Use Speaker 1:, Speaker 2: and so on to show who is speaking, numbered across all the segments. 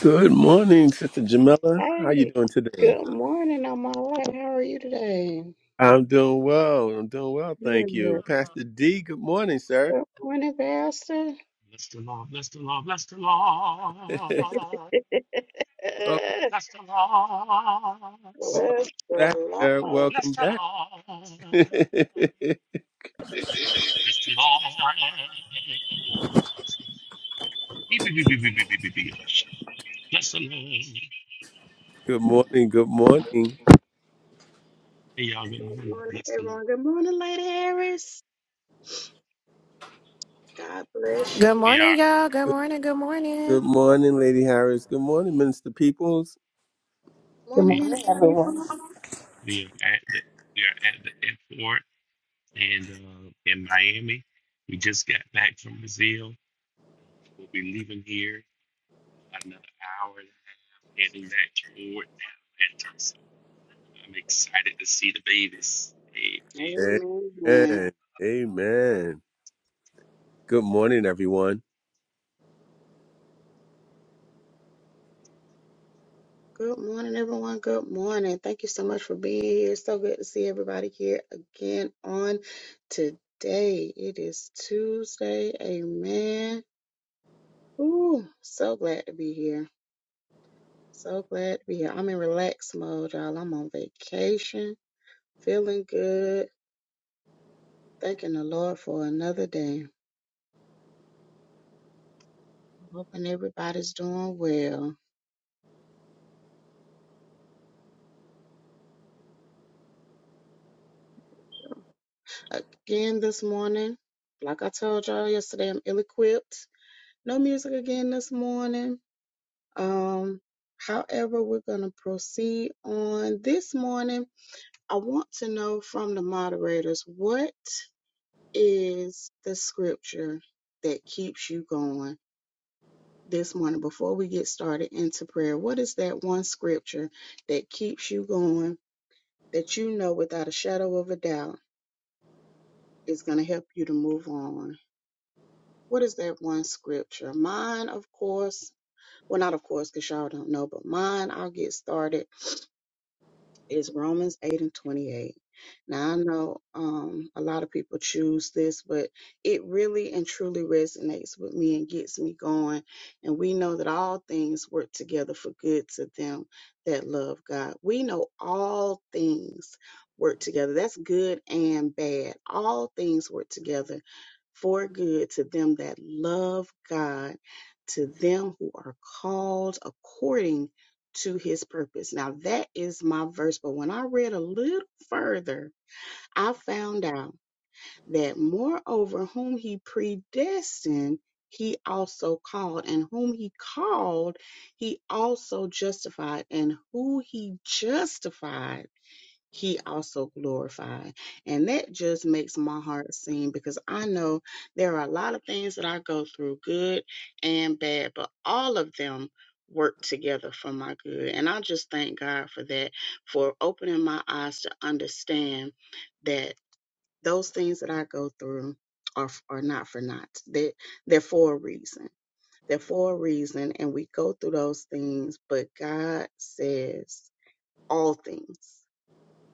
Speaker 1: Good morning, Sister Jamila. How you
Speaker 2: Hey,
Speaker 1: doing today?
Speaker 2: good morning, on my way. How are you today?
Speaker 1: I'm doing well. I'm doing well, thank you.
Speaker 2: Good.
Speaker 1: Pastor D, good morning, sir.
Speaker 2: Good morning, Pastor.
Speaker 3: Bless the Lord, bless the Lord, bless the Lord,
Speaker 1: welcome,
Speaker 2: Bless
Speaker 3: bless the Lord, bless the
Speaker 1: welcome
Speaker 2: the
Speaker 1: back, sir.
Speaker 2: Lord.
Speaker 1: Welcome back.
Speaker 3: Lord,
Speaker 1: good
Speaker 3: bless the Lord. Beep, beep, beep, beep, beep, beep, beep, beep, beep. Bless the Lord. Hey
Speaker 1: morning, good morning.
Speaker 3: y'all, good
Speaker 2: Good
Speaker 3: morning.
Speaker 2: morning,
Speaker 3: Bless the Lord.
Speaker 2: everyone. Good morning, Lady Harris. God bless
Speaker 4: Good
Speaker 2: you.
Speaker 3: We
Speaker 4: morning,
Speaker 3: are
Speaker 4: y'all. Good
Speaker 1: Good,
Speaker 4: morning. Good morning.
Speaker 1: good morning, Lady Harris. Good morning, Minister Peoples.
Speaker 5: Good
Speaker 2: Morning,
Speaker 3: we
Speaker 5: morning,
Speaker 2: Minister
Speaker 5: everyone.
Speaker 2: people.
Speaker 3: we are at the we are at the airport and uh, in Miami. We just got back from Brazil. We'll be leaving here about another hour, heading back toward Atlanta. I'm excited to see the babies. Amen.
Speaker 2: Amen.
Speaker 1: Amen. Amen. Good morning, everyone.
Speaker 2: Good morning, everyone. Good morning. Thank you so much for being here. It's so good to see everybody here again on today. It is Tuesday. Amen. Ooh, so glad to be here. So glad to be here. I'm in relax mode, y'all. I'm on vacation, feeling good, thanking the Lord for another day. I'm hoping everybody's doing well. Again this morning, like I told y'all yesterday, I'm ill-equipped. No music again this morning. Um, however, we're gonna proceed on this morning. I want to know from the moderators what is the scripture that keeps you going this morning before we get started into prayer? What is that one scripture that keeps you going that you know without a shadow of a doubt is going to help you to move on? What is that one scripture? Mine, of course, well, not of course, because y'all don't know, but mine, I'll get started is Romans 8 and 28. Now, I know um, a lot of people choose this, but it really and truly resonates with me and gets me going. And we know that all things work together for good to them that love God. We know all things work together. That's good and bad. All things work together for good to them that love God, to them who are called according to his purpose. Now, that is my verse. But when I read a little further, I found out that moreover, whom he predestined, he also called, and whom he called, he also justified, and who he justified he also glorified. And that just makes my heart sing because I know there are a lot of things that I go through, good and bad, but all of them work together for my good. And I just thank God for that, for opening my eyes to understand that those things that I go through are, are not for naught. They, they're for a reason. They're for a reason. And we go through those things, but God says all things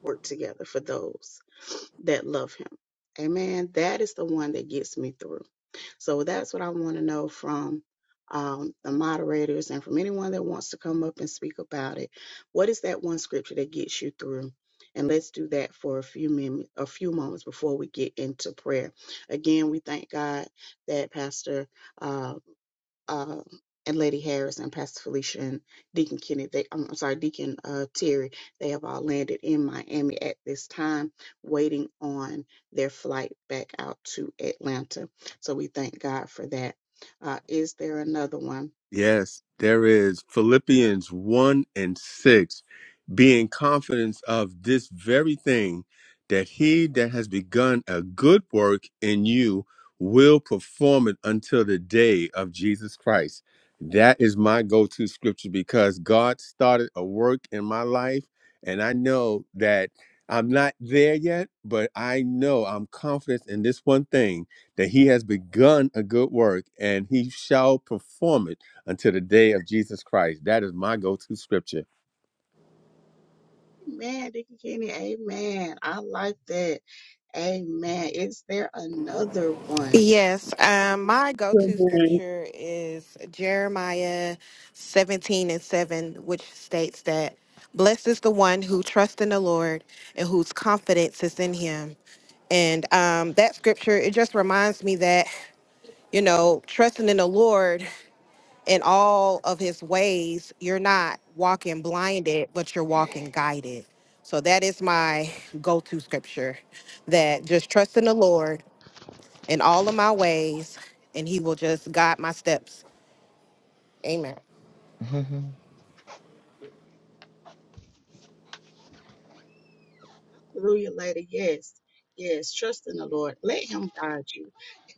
Speaker 2: work together for those that love him. Amen. That is the one that gets me through. So that's what I want to know from um, the moderators and from anyone that wants to come up and speak about it. What is that one scripture that gets you through? And let's do that for a few min- a few moments before we get into prayer. Again, we thank God that Pastor uh, um, and Lady Harris and Pastor Felicia and Deacon Kennedy, they, I'm I'm sorry, Deacon uh, Terry, they have all landed in Miami at this time, waiting on their flight back out to Atlanta. So we thank God for that. Uh, is there another one?
Speaker 1: Yes, there is Philippians 1 and 6, being confident of this very thing, that he that has begun a good work in you will perform it until the day of Jesus Christ. That is my go to scripture because God started a work in my life, and I know that I'm not there yet, but I know I'm confident in this one thing that he has begun a good work and he shall perform it until the day of Jesus Christ. That is my go to scripture.
Speaker 2: Amen, Deacon Kennedy. Amen. I like that. Amen. Is there another one?
Speaker 4: Yes, um, my go
Speaker 6: Good
Speaker 4: to
Speaker 6: morning.
Speaker 4: scripture is Jeremiah 17 and 7, which states that blessed is the one who trusts in the Lord and whose confidence is in him. And um, that scripture, it just reminds me that, you know, trusting in the Lord. in all of his ways, you're not walking blinded, but you're walking guided. So that is my go to scripture that just trust in the Lord in all of my ways, and he will just guide my steps. Amen.
Speaker 7: Mhm.
Speaker 2: Hallelujah, lady. Yes. Yes. Trust in the Lord. Let him guide you.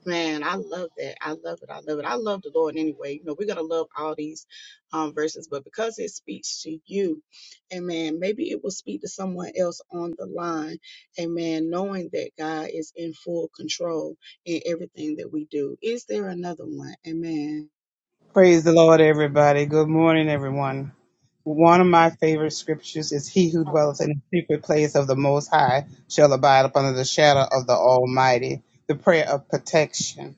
Speaker 2: Man, I love that. I love it. I love it. I love the Lord anyway. You know, we're gonna love all these um verses, but because it speaks to you, amen, maybe it will speak to someone else on the line. Amen. Knowing that God is in full control in everything that we do. Is there another one? Amen.
Speaker 6: Praise the Lord, everybody. Good morning, everyone. One of my favorite scriptures is He who dwelleth in the secret place of the Most High shall abide up under the shadow of the Almighty. The prayer of protection.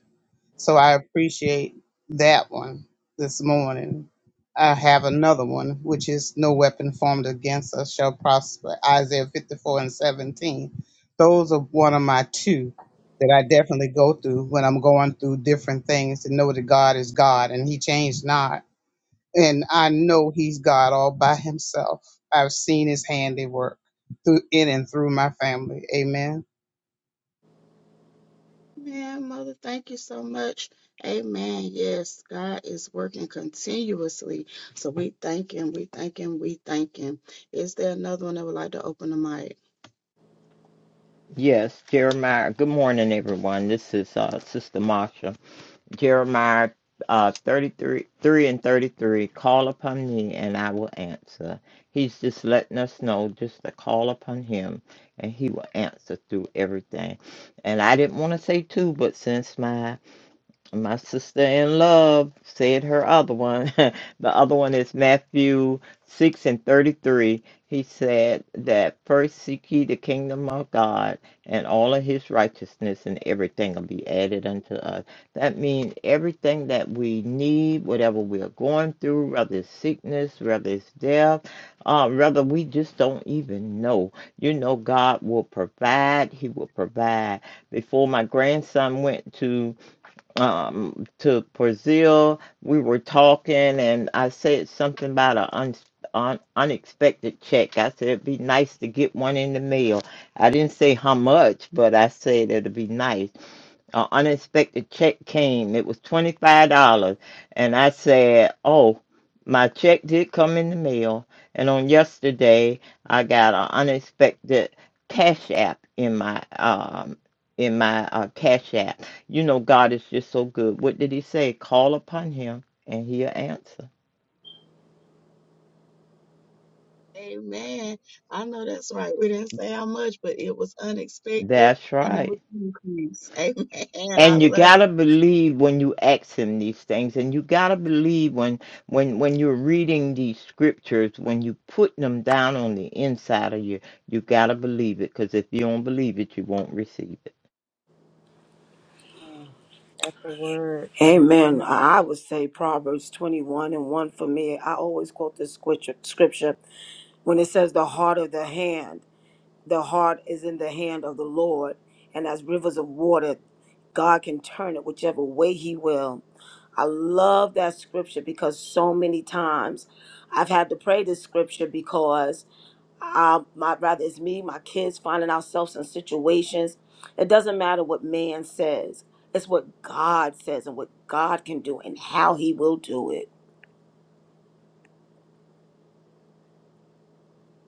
Speaker 6: So I appreciate that one this morning. I have another one, which is no weapon formed against us shall prosper. Isaiah 54 and 17. Those are one of my two that I definitely go through when I'm going through different things to know that God is God and He changed not. And I know He's God all by Himself. I've seen His handiwork through in and through my family. Amen.
Speaker 2: Man, Mother, thank you so much. Amen. Yes, God is working continuously. So we thank Him, we thank Him, we thank Him. Is there another one that would like to open the mic?
Speaker 7: Yes, Jeremiah. Good morning, everyone. This is uh, Sister Marsha. Jeremiah uh, 33 3 and 33. Call upon me and I will answer. He's just letting us know just to call upon him and he will answer through everything. And I didn't want to say two, but since my My sister in love said her other one. the other one is Matthew 6 and 33. He said that first seek ye the kingdom of God and all of his righteousness, and everything will be added unto us. That means everything that we need, whatever we are going through, whether it's sickness, whether it's death, uh, whether we just don't even know. You know, God will provide, He will provide. Before my grandson went to um, to Brazil. We were talking, and I said something about an un, un, unexpected check. I said it'd be nice to get one in the mail. I didn't say how much, but I said it'd be nice. An unexpected check came. It was $25. And I said, Oh, my check did come in the mail. And on yesterday, I got an unexpected cash app in my um in my uh, cash app. You know, God is just so good. What did He say? Call upon Him and He'll answer.
Speaker 2: Amen. I know that's right. We didn't say how much, but it was unexpected
Speaker 7: That's
Speaker 2: and it
Speaker 7: right.
Speaker 2: was increase. Amen. I
Speaker 7: and you
Speaker 2: love
Speaker 7: gotta believe when you ask him these things and you gotta believe when when when you're reading these scriptures when you put them down on the inside of you you gotta believe it because if you don't believe it you won't receive it
Speaker 2: it. That's the word.
Speaker 8: Amen.
Speaker 2: Amen.
Speaker 8: I I would say Proverbs 21 and 1 for me. I always quote this scripture scripture when it says, The heart of the hand, the heart is in the hand of the Lord, and as rivers of water, God can turn it whichever way He will. I love that scripture because so many times I've had to pray this scripture because. I, my rather it's me, my kids finding ourselves in situations. It doesn't matter what man says. It's what God says and what God can do and how he will do it.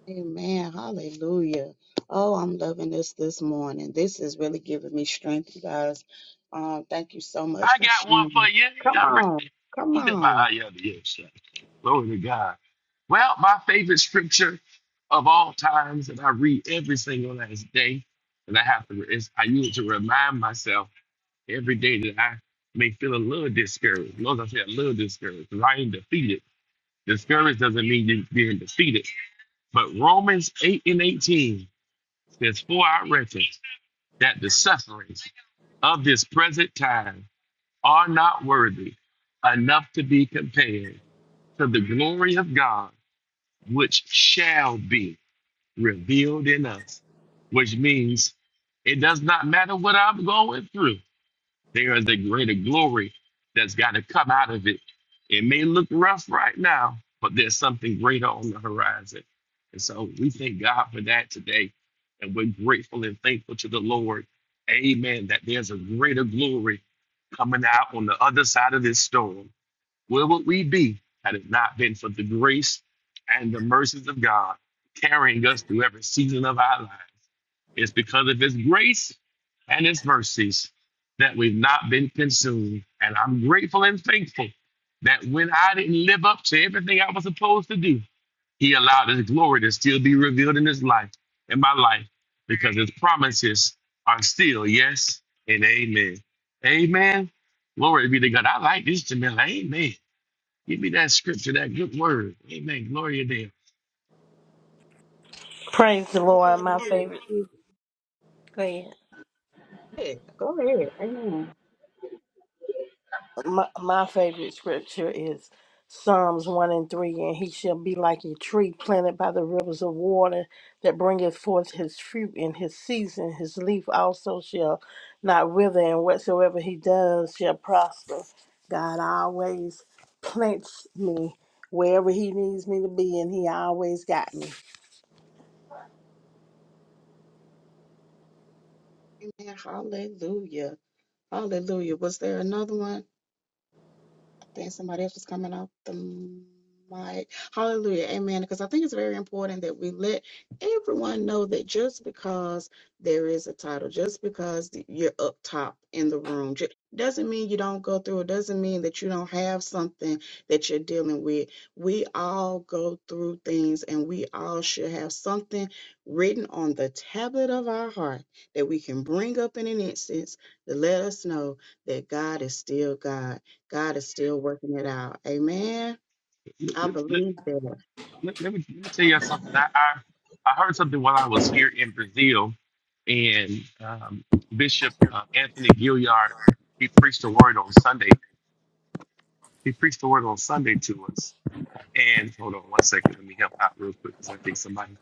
Speaker 2: Amen. Hallelujah. Oh, I'm loving this this morning. This is really giving me strength, you guys. Um, thank you so
Speaker 3: I
Speaker 2: much for
Speaker 3: got one for
Speaker 2: sharing.
Speaker 3: you.
Speaker 2: Come
Speaker 3: Y'all
Speaker 2: on.
Speaker 3: ready?
Speaker 2: Come
Speaker 3: Eat up by
Speaker 2: on.
Speaker 3: y'all. Yeah, shut Glory to God. Well, my favorite scripture of all times that I read every single last day, and I have to, is I use it to remind myself every day that I may feel a little discouraged. Notice I say a little discouraged because I ain't defeated. Discouraged doesn't mean you're being defeated. But Romans 8 and 18 says, For our wretched. that the sufferings of this present time are not worthy enough to be compared to the glory of God, which shall be revealed in us, which means it does not matter what I'm going through. There is a greater glory that's got to come out of it. It may look rough right now, but there's something greater on the horizon. And so we thank God for that today. And we're grateful and thankful to the Lord. Amen. That there's a greater glory coming out on the other side of this storm. Where would we be had it not been for the grace and the mercies of God carrying us through every season of our life? It's because of His grace and His mercies that we've not been consumed. And I'm grateful and thankful that when I didn't live up to everything I was supposed to do, He allowed His glory to still be revealed in His life, in my life, because His promises are still yes and amen. Amen. Glory be to God. I like this, Jamila. Amen. Give me that scripture, that good word. Amen. Glory
Speaker 5: Praise the Lord.
Speaker 2: Amen.
Speaker 5: My favorite,
Speaker 2: Hallelujah.
Speaker 5: go ahead.
Speaker 2: Yeah, Go ahead. Amen.
Speaker 5: my, my favorite scripture is Psalms 1 and 3. And he shall be like a tree planted by the rivers of water that bringeth forth his fruit in his season. His leaf also shall not wither, and whatsoever he does shall prosper. God always plants me wherever he needs me to be, and he always got me.
Speaker 2: Amen. Hallelujah. Hallelujah. Was there another one? I think somebody else was coming off the mic. Hallelujah. Amen. Because I think it's very important that we let everyone know that just because there is a title, just because you're up top in the room, ju- doesn't mean you don't go through. It doesn't mean that you don't have something that you're dealing with. We all go through things and we all should have something written on the tablet of our heart that we can bring up in an instance to let us know that God is still God God is still working it out. Amen.
Speaker 3: to
Speaker 2: I
Speaker 3: Him.
Speaker 2: believe that.
Speaker 3: let, let me let me tell you something. I, I I heard something while I was here in Brazil, and um, Bishop uh, Anthony Gilliard he preached a word on Sunday. He preached a word on Sunday to us. And hold on one second, let me help out real quick because I think somebody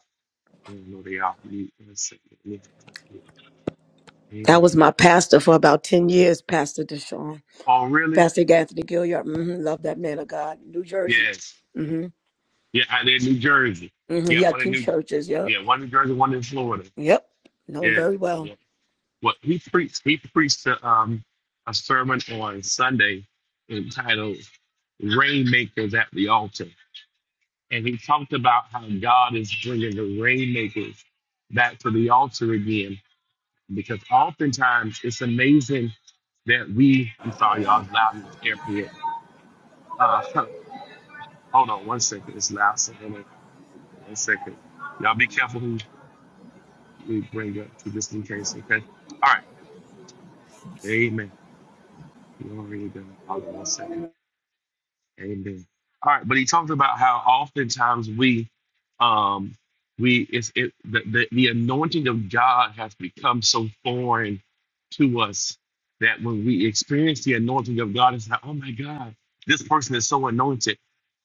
Speaker 3: I don't know they off mute. One second, let me help out real quick.
Speaker 8: That
Speaker 3: Amen.
Speaker 8: was my pastor for about 10 years, Pastor Deshaun.
Speaker 3: Oh really?
Speaker 8: Pastor Anthony Gilliard. hmm love that man of God. New Jersey.
Speaker 3: Yes.
Speaker 8: hmm
Speaker 3: Yeah, out in New Jersey.
Speaker 8: hmm
Speaker 3: Yeah,
Speaker 8: He had
Speaker 3: one in
Speaker 8: two
Speaker 3: New.
Speaker 8: churches. Yep.
Speaker 3: Yeah, one in New Jersey, one in Florida.
Speaker 8: Yep. Know him
Speaker 3: Yes.
Speaker 8: very
Speaker 3: Yeah.
Speaker 8: well.
Speaker 3: What he preached, he preached a, um, a sermon on Sunday entitled "Rainmakers at the Altar," and he talked about how God is bringing the rainmakers back to the altar again. Because oftentimes it's amazing that we. I'm sorry, y'all. It's loud in this airport. Uh, hold on one second. It's loud. So hold on one second. Y'all be careful who we bring up, to just in case. Okay. All right. Amen. Glory to God. Hold on one second. Amen. All right, but he talked about how oftentimes we, um, we it's it the, the the anointing of God has become so foreign to us that when we experience the anointing of God, it's like, oh my God, this person is so anointed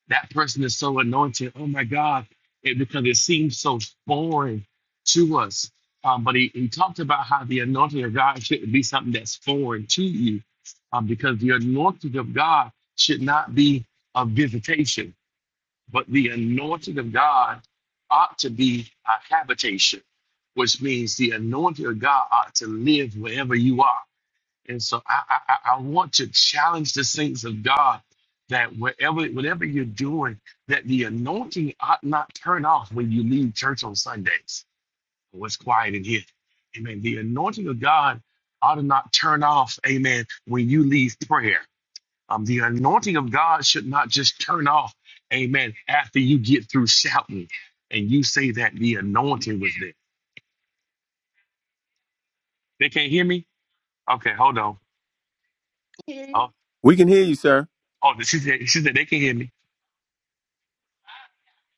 Speaker 3: that person is so anointed. Oh my God. It, because it seems so foreign to us. Um, but he, he talked about how the anointing of God shouldn't be something that's foreign to you um, because the anointing of God should not be a visitation, but the anointing of God ought to be a habitation, which means the anointing of God ought to live wherever you are. And so I, I, I I want to challenge the saints of God that wherever, whatever you're doing, that the anointing ought not turn off when you leave church on Sundays. Oh, it's quiet in here. Amen. The anointing of God ought to not turn off, amen, when you leave prayer. Um, the anointing of God should not just turn off, amen, after you get through shouting and you say that the anointing was there. They can't hear me? Okay, hold on. Oh,
Speaker 1: We can hear you, sir.
Speaker 3: oh, she said, she said they can hear me.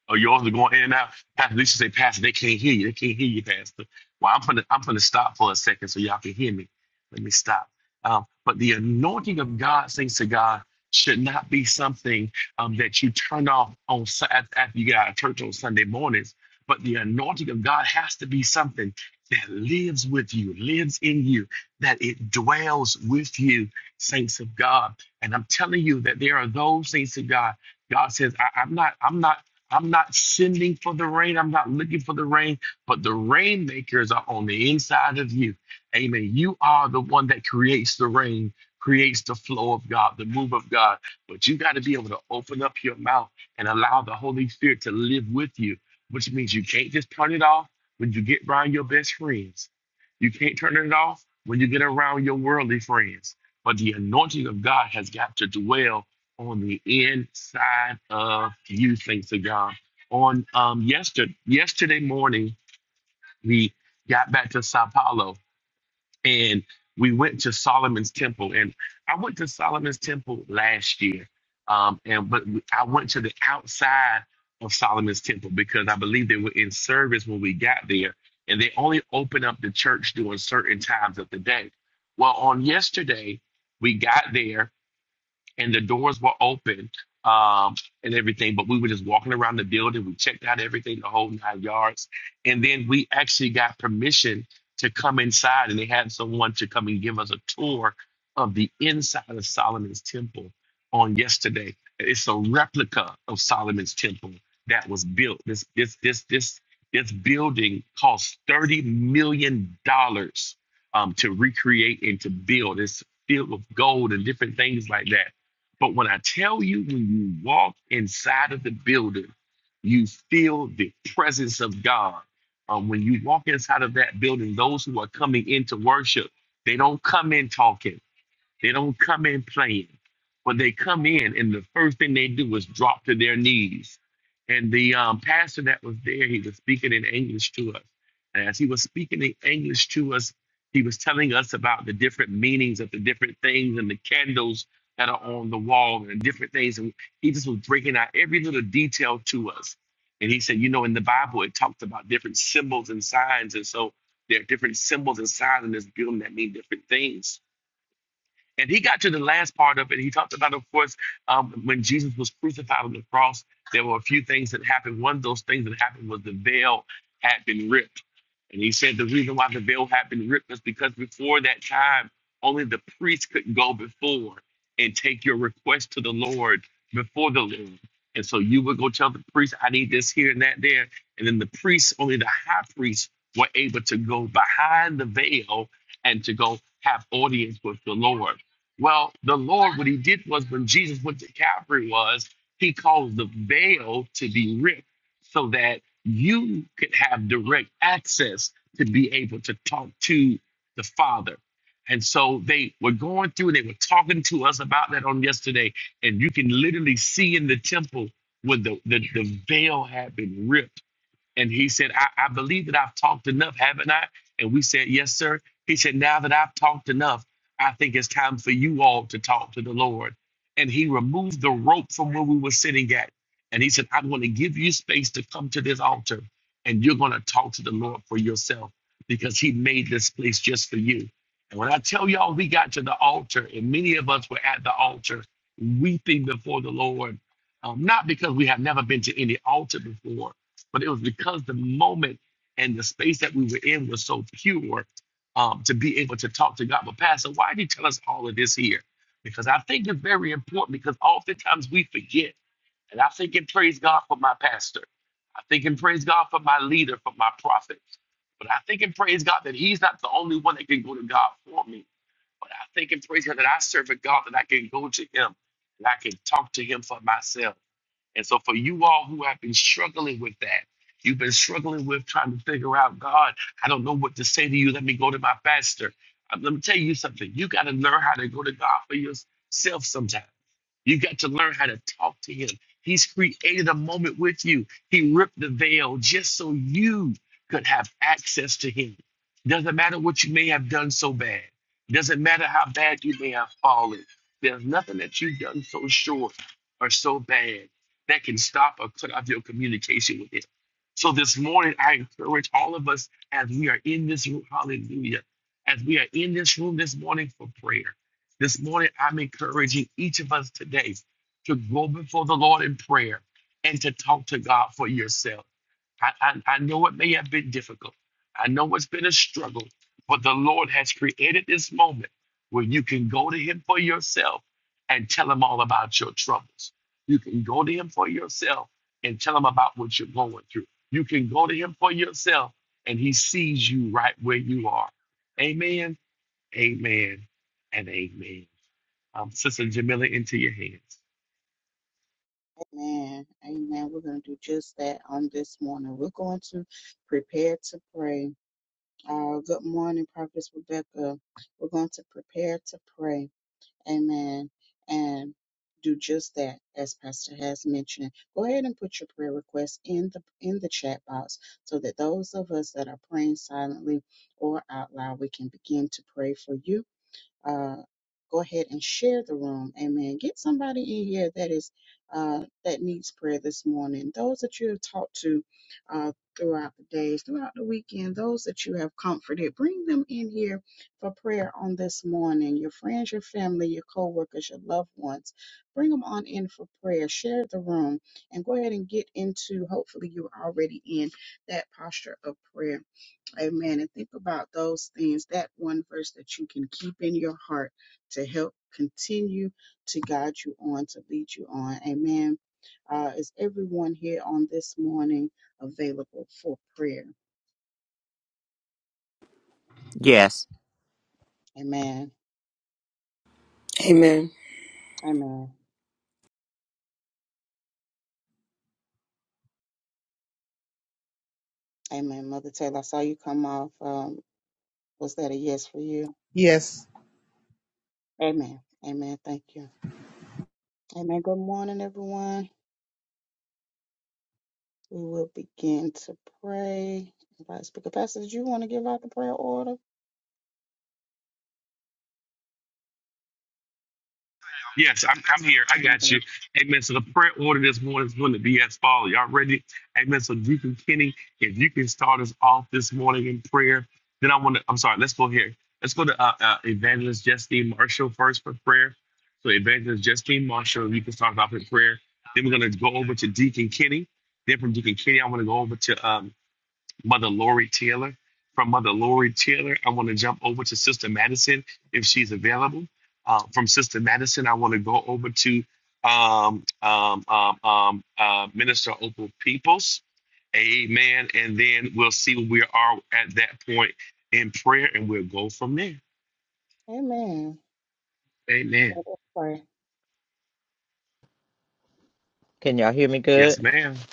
Speaker 3: Oh, you are going in and out. Pastor Lisa say, Pastor, they can't hear you. They can't hear you, Pastor. Well, I'm gonna I'm gonna stop for a second so y'all can hear me. Let me stop. Um, but the anointing of God, saints to God, should not be something um, that you turn off on Su- af- after you get out of church on Sunday mornings. But the anointing of God has to be something that lives with you, lives in you, that it dwells with you, saints of God. And I'm telling you that there are those saints of God God says, I, am not, I'm not I'm not sending for the rain. I'm not looking for the rain, but the rainmakers are on the inside of you. Amen. You are the one that creates the rain, creates the flow of God, the move of God. But you got to be able to open up your mouth and allow the Holy Spirit to live with you, which means you can't just turn it off when you get around your best friends. You can't turn it off when you get around your worldly friends. But the anointing of God has got to dwell on the inside of you, thanks to God. On um yesterday yesterday morning, we got back to Sao Paulo and we went to Solomon's Temple. And I went to Solomon's Temple last year. Um, and but we- I went to the outside of Solomon's Temple because I believe they were in service when we got there, and they only open up the church during certain times of the day. Well, on yesterday, we got there and the doors were open um, and everything. But we were just walking around the building. We checked out everything, the whole nine yards. And then we actually got permission to come inside, and they had someone to come and give us a tour of the inside of Solomon's temple on yesterday. It's a replica of Solomon's temple that was built. This this this this this building cost thirty million dollars um, to recreate and to build. It's filled with gold and different things like that but when I tell you, when you walk inside of the building, you feel the presence of God. Um, when you walk inside of that building, those who are coming into worship, they don't come in talking. They don't come in playing, but they come in, and the first thing they do is drop to their knees. And the um, pastor that was there, he was speaking in English to us. And as he was speaking in English to us, he was telling us about the different meanings of the different things and the candles that are on the wall and different things. And he just was breaking out every little detail to us. And he said, you know, in the Bible, it talks about different symbols and signs. And so there are different symbols and signs in this building that mean different things. And he got to the last part of it. He talked about, of course, um, when Jesus was crucified on the cross, there were a few things that happened. One of those things that happened was the veil had been ripped. And he said the reason why the veil had been ripped was because before that time, only the priest could go before and take your request to the Lord before the Lord. And so you would go tell the priest, I need this here and that there. And then the priests, only the high priests, were able to go behind the veil and to go have audience with the Lord. Well, the Lord, what he did was when Jesus went to Calvary was he caused the veil to be ripped so that you could have direct access to be able to talk to the Father. And so they were going through, they were talking to us about that on yesterday. And you can literally see in the temple where the, the, the veil had been ripped and he said, I, I believe that I've talked enough, haven't I? And we said, Yes, sir. He said, Now that I've talked enough, I think it's time for you all to talk to the Lord. And he removed the rope from where we were sitting at. And he said, I'm going to give you space to come to this altar and you're going to talk to the Lord for yourself because he made this place just for you. And when I tell y'all, we got to the altar, and many of us were at the altar weeping before the Lord, um, not because we have never been to any altar before but it was because the moment and the space that we were in was so pure um, to be able to talk to God. But Pastor, why did he tell us all of this here? Because I think it's very important because oftentimes we forget. And I think and praise God for my pastor. I think and praise God for my leader, for my prophet. But I think and praise God that he's not the only one that can go to God for me. But I think and praise God that I serve a God that I can go to him and I can talk to him for myself. And so, for you all who have been struggling with that, you've been struggling with trying to figure out, God, I don't know what to say to you. Let me go to my pastor. Uh, Let me tell you something. You got to learn how to go to God for yourself sometimes. You got to learn how to talk to him. He's created a moment with you. He ripped the veil just so you could have access to him. Doesn't matter what you may have done so bad. Doesn't matter how bad you may have fallen. There's nothing that you've done so short or so bad that can stop or cut off your communication with him. So this morning, I encourage all of us as we are in this room, hallelujah, as we are in this room this morning for prayer. This morning, I'm encouraging each of us today to go before the Lord in prayer and to talk to God for yourself. I, I, I know it may have been difficult. I know it's been a struggle, but the Lord has created this moment where you can go to Him for yourself and tell Him all about your troubles. You can go to Him for yourself and tell Him about what you're going through. You can go to Him for yourself and He sees you right where you are. Amen, amen, and amen um, Sister Jamila into your hands.
Speaker 2: Amen. Amen. We're going to do just that on this morning. We're going to prepare to pray. Uh, good morning, Prophet Rebecca. We're going to prepare to pray. Amen. And do just that, as Pastor has mentioned. Go ahead and put your prayer requests in the in the chat box so that those of us that are praying silently or out loud, we can begin to pray for you uh, go ahead and share the room. Amen. Get somebody in here that is uh, that needs prayer this morning. Those that you have talked to uh, throughout the days, throughout the weekend, those that you have comforted, bring them in here for prayer on this morning. Your friends, your family, your co-workers, your loved ones, bring them on in for prayer. Share the room and go ahead and get into. Hopefully, you're already in that posture of prayer Amen. And think about those things, that one verse that you can keep in your heart to help continue to guide you on, to lead you on. Amen. Uh, is everyone here on this morning available for prayer?
Speaker 7: Yes.
Speaker 2: Amen.
Speaker 8: Amen.
Speaker 2: Amen. Amen. Mother Taylor, I saw you come off. Um, was that a yes for you?
Speaker 6: Yes.
Speaker 2: Amen. Amen. Thank you. Amen. Good morning, everyone. We will begin to pray. Vice Speaker Pastor, did you want to give out the prayer order?
Speaker 3: Yes, I'm, I'm here. I got you.
Speaker 2: Amen.
Speaker 3: Amen. So the prayer order this morning is going to be as follows. Y'all ready? Amen. So Deacon Kenny, if you can start us off this morning in prayer, then I want to. I'm sorry. Let's go here. Let's go to uh, uh, Evangelist Justine Marshall first for prayer. So Evangelist Justine Marshall, you can start us off in prayer. Then we're going to go over to Deacon Kenny. Then from Deacon Kenny, I want to go over to um, Mother Lori Taylor. From Mother Lori Taylor, I want to jump over to Sister Madison if she's available. Uh, from Sister Madison, I want to go over to um, um, um, um, uh, Minister Opal Peoples. Amen. And then we'll see where we are at that point in prayer and we'll go from there.
Speaker 2: Amen. Let
Speaker 3: Amen.
Speaker 2: us
Speaker 7: can y'all hear me good
Speaker 3: Yes, ma'am.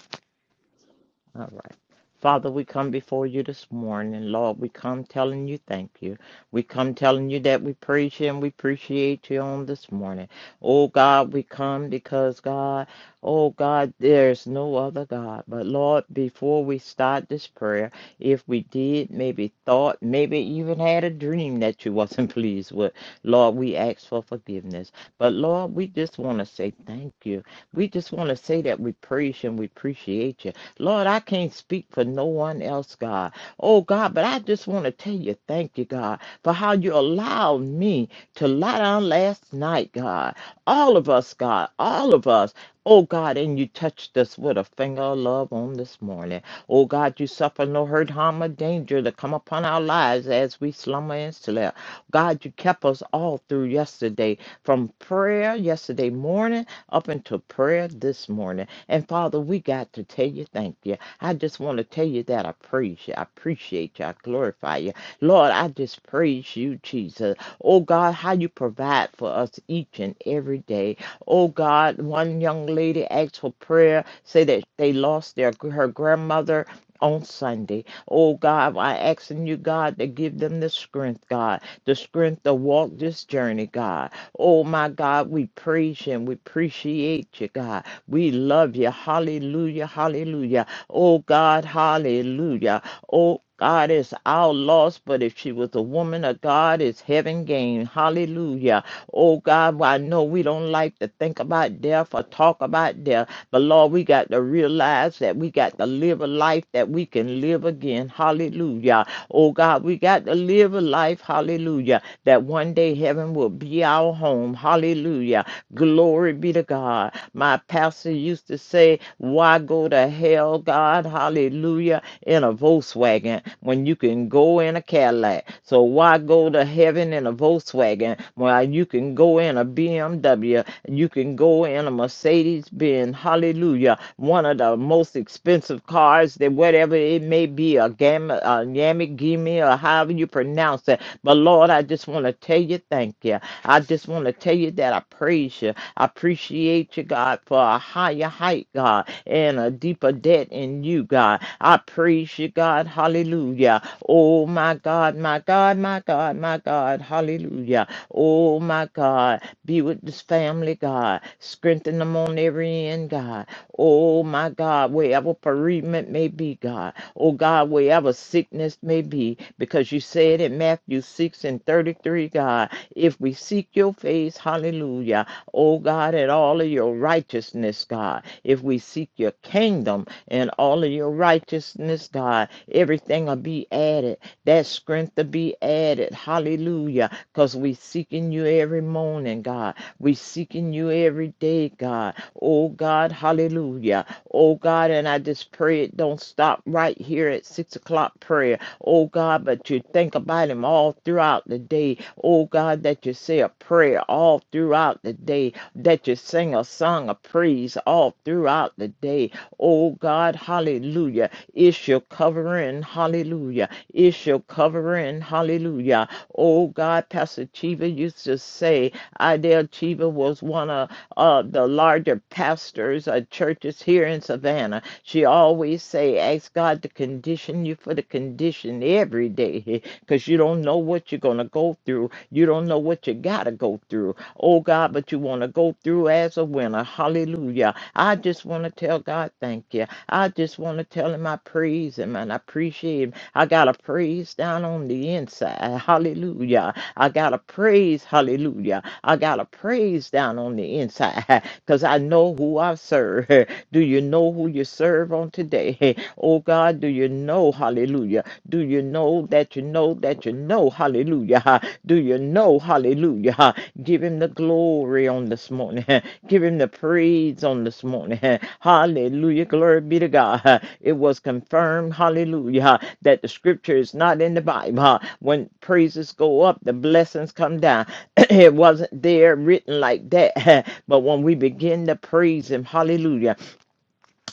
Speaker 7: All right. Father, we come before you this morning. Lord, we come telling you thank you. We come telling you that we praise you and we appreciate you on this morning. Oh God, we come because God, oh God, there's no other God. But Lord, before we start this prayer, if we did, maybe thought, maybe even had a dream that you wasn't pleased with, Lord, we ask for forgiveness. But Lord, we just want to say thank you. We just want to say that we praise you and we appreciate you. Lord, I can't speak for no one else, God. Oh, God, but I just want to tell you thank you, God, for how you allowed me to lie down last night, God. All of us, God, all of us. Oh, God, and you touched us with a finger of love on this morning. Oh, God, you suffer no hurt, harm, or danger to come upon our lives as we slumber and slept. God, you kept us all through yesterday from prayer yesterday morning up until prayer this morning. And Father, we got to tell you thank you. I just want to tell you that I praise you. I appreciate you. I glorify you. Lord, I just praise you, Jesus. Oh God, how you provide for us each and every day. Oh God, one young lady asked for prayer, say that they lost their her grandmother on Sunday. Oh God, I asking you, God, to give them the strength, God, the strength to walk this journey, God. Oh my God, we praise you and we appreciate you, God. We love you. Hallelujah. Hallelujah. Oh God, hallelujah. Oh God is our loss, but if she was a woman of God, it's heaven gained. Hallelujah. Oh God, well, I know we don't like to think about death or talk about death, but Lord, we got to realize that we got to live a life that we can live again. Hallelujah. Oh God, we got to live a life, hallelujah, that one day heaven will be our home. Hallelujah. Glory be to God. My pastor used to say, Why go to hell, God? Hallelujah. In a Volkswagen when you can go in a Cadillac. So why go to heaven in a Volkswagen when you can go in a BMW? You can go in a Mercedes Benz. Hallelujah. One of the most expensive cars that whatever it may be, a gamma, a Yamagimi, or however you pronounce it. But Lord, I just want to tell you thank you. I just want to tell you that I praise you. I appreciate you, God, for a higher height, God, and a deeper debt in you, God. I praise you, God. Hallelujah. Oh, my God, my God, my God, my God. Hallelujah. Oh, my God. Be with this family, God. Strengthen them on every end, God. Oh, my God, wherever bereavement may be, God. Oh, God, wherever sickness may be, because you said in Matthew 6 and 33, God, if we seek your face, hallelujah oh God, at all of your righteousness, God. If we seek your kingdom and all of your righteousness, God, everything will be added. That strength will be added. Hallelujah. Because we seeking you every morning, God. We seeking you every day, God. Oh God, hallelujah. Oh God, and I just pray it don't stop right here at six o'clock prayer oh God, but you think about him all throughout the day. Oh God, that you say a prayer all throughout the day, that you sing a song of praise all throughout the day. Oh God, hallelujah. It's your covering, hallelujah. It's your covering, hallelujah. Oh God, Pastor Chiva used to say, Idell Chiva was one of uh, the larger pastors of churches here in Savannah she always say, ask God to condition you for the condition every day because you don't know what you're going to go through. You don't know what you got to go through. Oh, God, but you want to go through as a winner. Hallelujah. I just want to tell God, thank you. I just want to tell him I praise him and I appreciate him. I got a praise down on the inside. Hallelujah. I got a praise. Hallelujah. I got a praise down on the inside because I know who I serve. Do you know who you serve on today? Oh God, do you know, hallelujah? Do you know that you know that you know, hallelujah? Do you know, hallelujah? Give him the glory on this morning. Give him the praise on this morning. Hallelujah. Glory be to God. It was confirmed, hallelujah, that the scripture is not in the Bible. When praises go up, the blessings come down. it wasn't there written like that. But when we begin to praise him, hallelujah,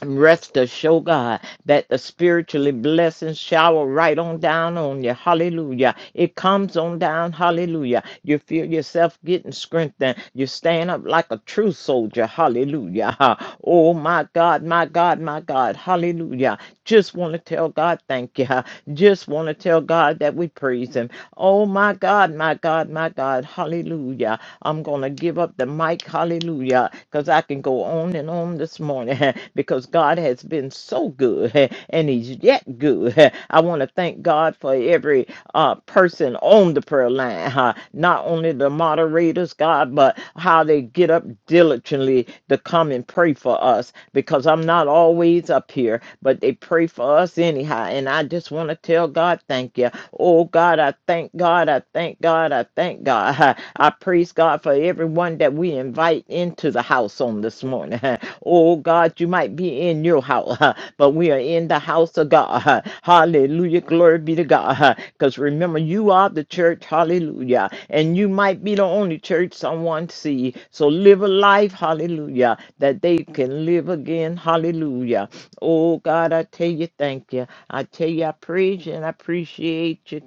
Speaker 7: Rest assured, God, that the spiritually blessings shower right on down on you. Hallelujah. It comes on down. Hallelujah. You feel yourself getting strengthened. You stand up like a true soldier. Hallelujah. Ha. Oh, my God, my God, my God. Hallelujah. Just want to tell God, thank you. Just want to tell God that we praise Him. Oh my God, my God, my God. Hallelujah. I'm going to give up the mic. Hallelujah. Because I can go on and on this morning because God has been so good and He's yet good. I want to thank God for every uh, person on the prayer line, huh? not only the moderators, God, but how they get up diligently to come and pray for us because because I'm not always up here, but they pray for us anyhow. And I just want to tell God, thank you. Oh, God, I thank God. I thank God. I thank God. I praise God for everyone that we invite into the house on this morning. Oh, God, you might be in your house, but we are in the house of God. Hallelujah. Glory be to God. Because remember, you are the church. Hallelujah and you might be the only church someone see. So live a life, hallelujah, that they can live again, hallelujah. Oh God, I tell you, thank you. I tell you, I praise you and I appreciate you.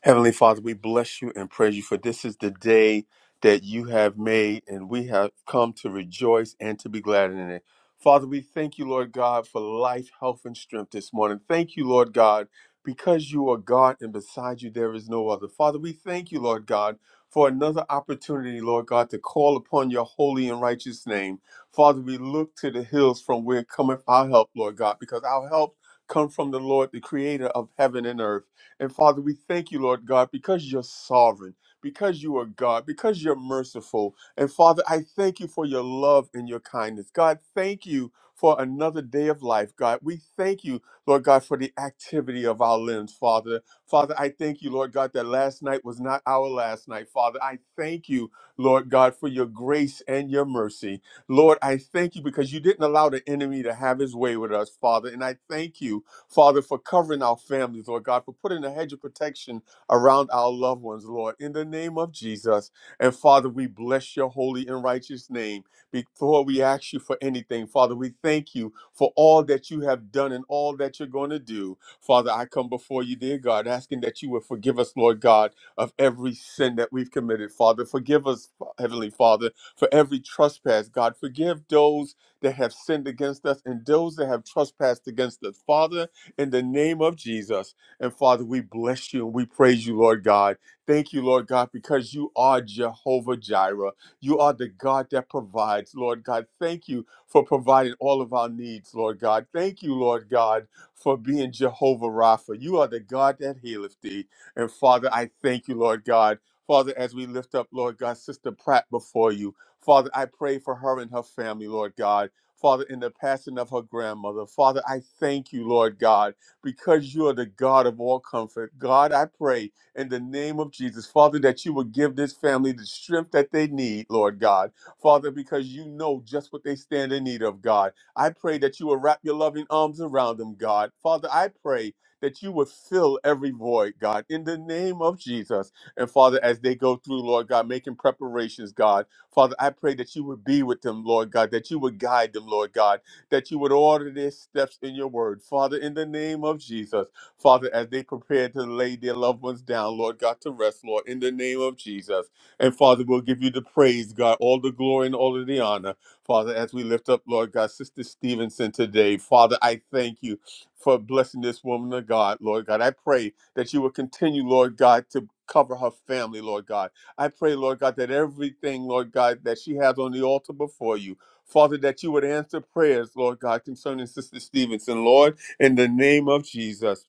Speaker 1: Heavenly Father, we bless you and praise you for this is the day that you have made, and we have come to rejoice and to be glad in it. Father, we thank you, Lord God, for life, health, and strength this morning. Thank you, Lord God, because you are God and beside you there is no other. Father, we thank you, Lord God, for another opportunity, Lord God, to call upon your holy and righteous name. Father, we look to the hills from where cometh our help, Lord God, because our help comes from the Lord, the creator of heaven and earth. And Father, we thank you, Lord God, because you're sovereign, because you are God, because you're merciful. And Father, I thank you for your love and your kindness. God, thank you for another day of life, God. We thank you, Lord God, for the activity of our limbs, Father. Father, I thank you, Lord God, that last night was not our last night, Father. I thank you, Lord God, for your grace and your mercy. Lord, I thank you because you didn't allow the enemy to have his way with us, Father. And I thank you Father, for covering our families, Lord God, for putting a hedge of protection around our loved ones, Lord, in the name of Jesus. And Father, we bless your holy and righteous name. Before we ask you for anything, Father, we thank you for all that you have done and all that you're going to do. Father, I come before you, dear God, asking that you would forgive us, Lord God, of every sin that we've committed. Father, forgive us, Heavenly Father, for every trespass. God, forgive those that have sinned against us and those that have trespassed against us. Father, in the name of Jesus. And Father, we bless you and we praise you, Lord God. Thank you, Lord God, because you are Jehovah Jireh. You are the God that provides, Lord God. Thank you for providing all of our needs, Lord God. Thank you, Lord God, for being Jehovah Rapha. You are the God that healeth thee. And Father, I thank you, Lord God. Father, as we lift up, Lord God, Sister Pratt before you, Father, I pray for her and her family, Lord God. Father, in the passing of her grandmother. Father, I thank you, Lord God, because you are the God of all comfort. God, I pray in the name of Jesus, Father, that you will give this family the strength that they need, Lord God. Father, because you know just what they stand in need of, God. I pray that you will wrap your loving arms around them, God. Father, I pray that you will fill every void, God, in the name of Jesus. And Father, as they go through, Lord God, making preparations, God. Father, I pray that you would be with them, Lord God, that you would guide them, Lord God, that you would order their steps in your word. Father, in the name of Jesus, Father, as they prepare to lay their loved ones down, Lord God, to rest, Lord, in the name of Jesus. And Father, we'll give you the praise, God, all the glory and all of the honor. Father, as we lift up, Lord God, Sister Stevenson today, Father, I thank you for blessing this woman of God, Lord God. I pray that you will continue, Lord God, to cover her family, Lord God I pray, Lord God, that everything, Lord God, that she has on the altar before you, Father, that you would answer prayers, Lord God, concerning Sister Stevenson, Lord, in the name of Jesus.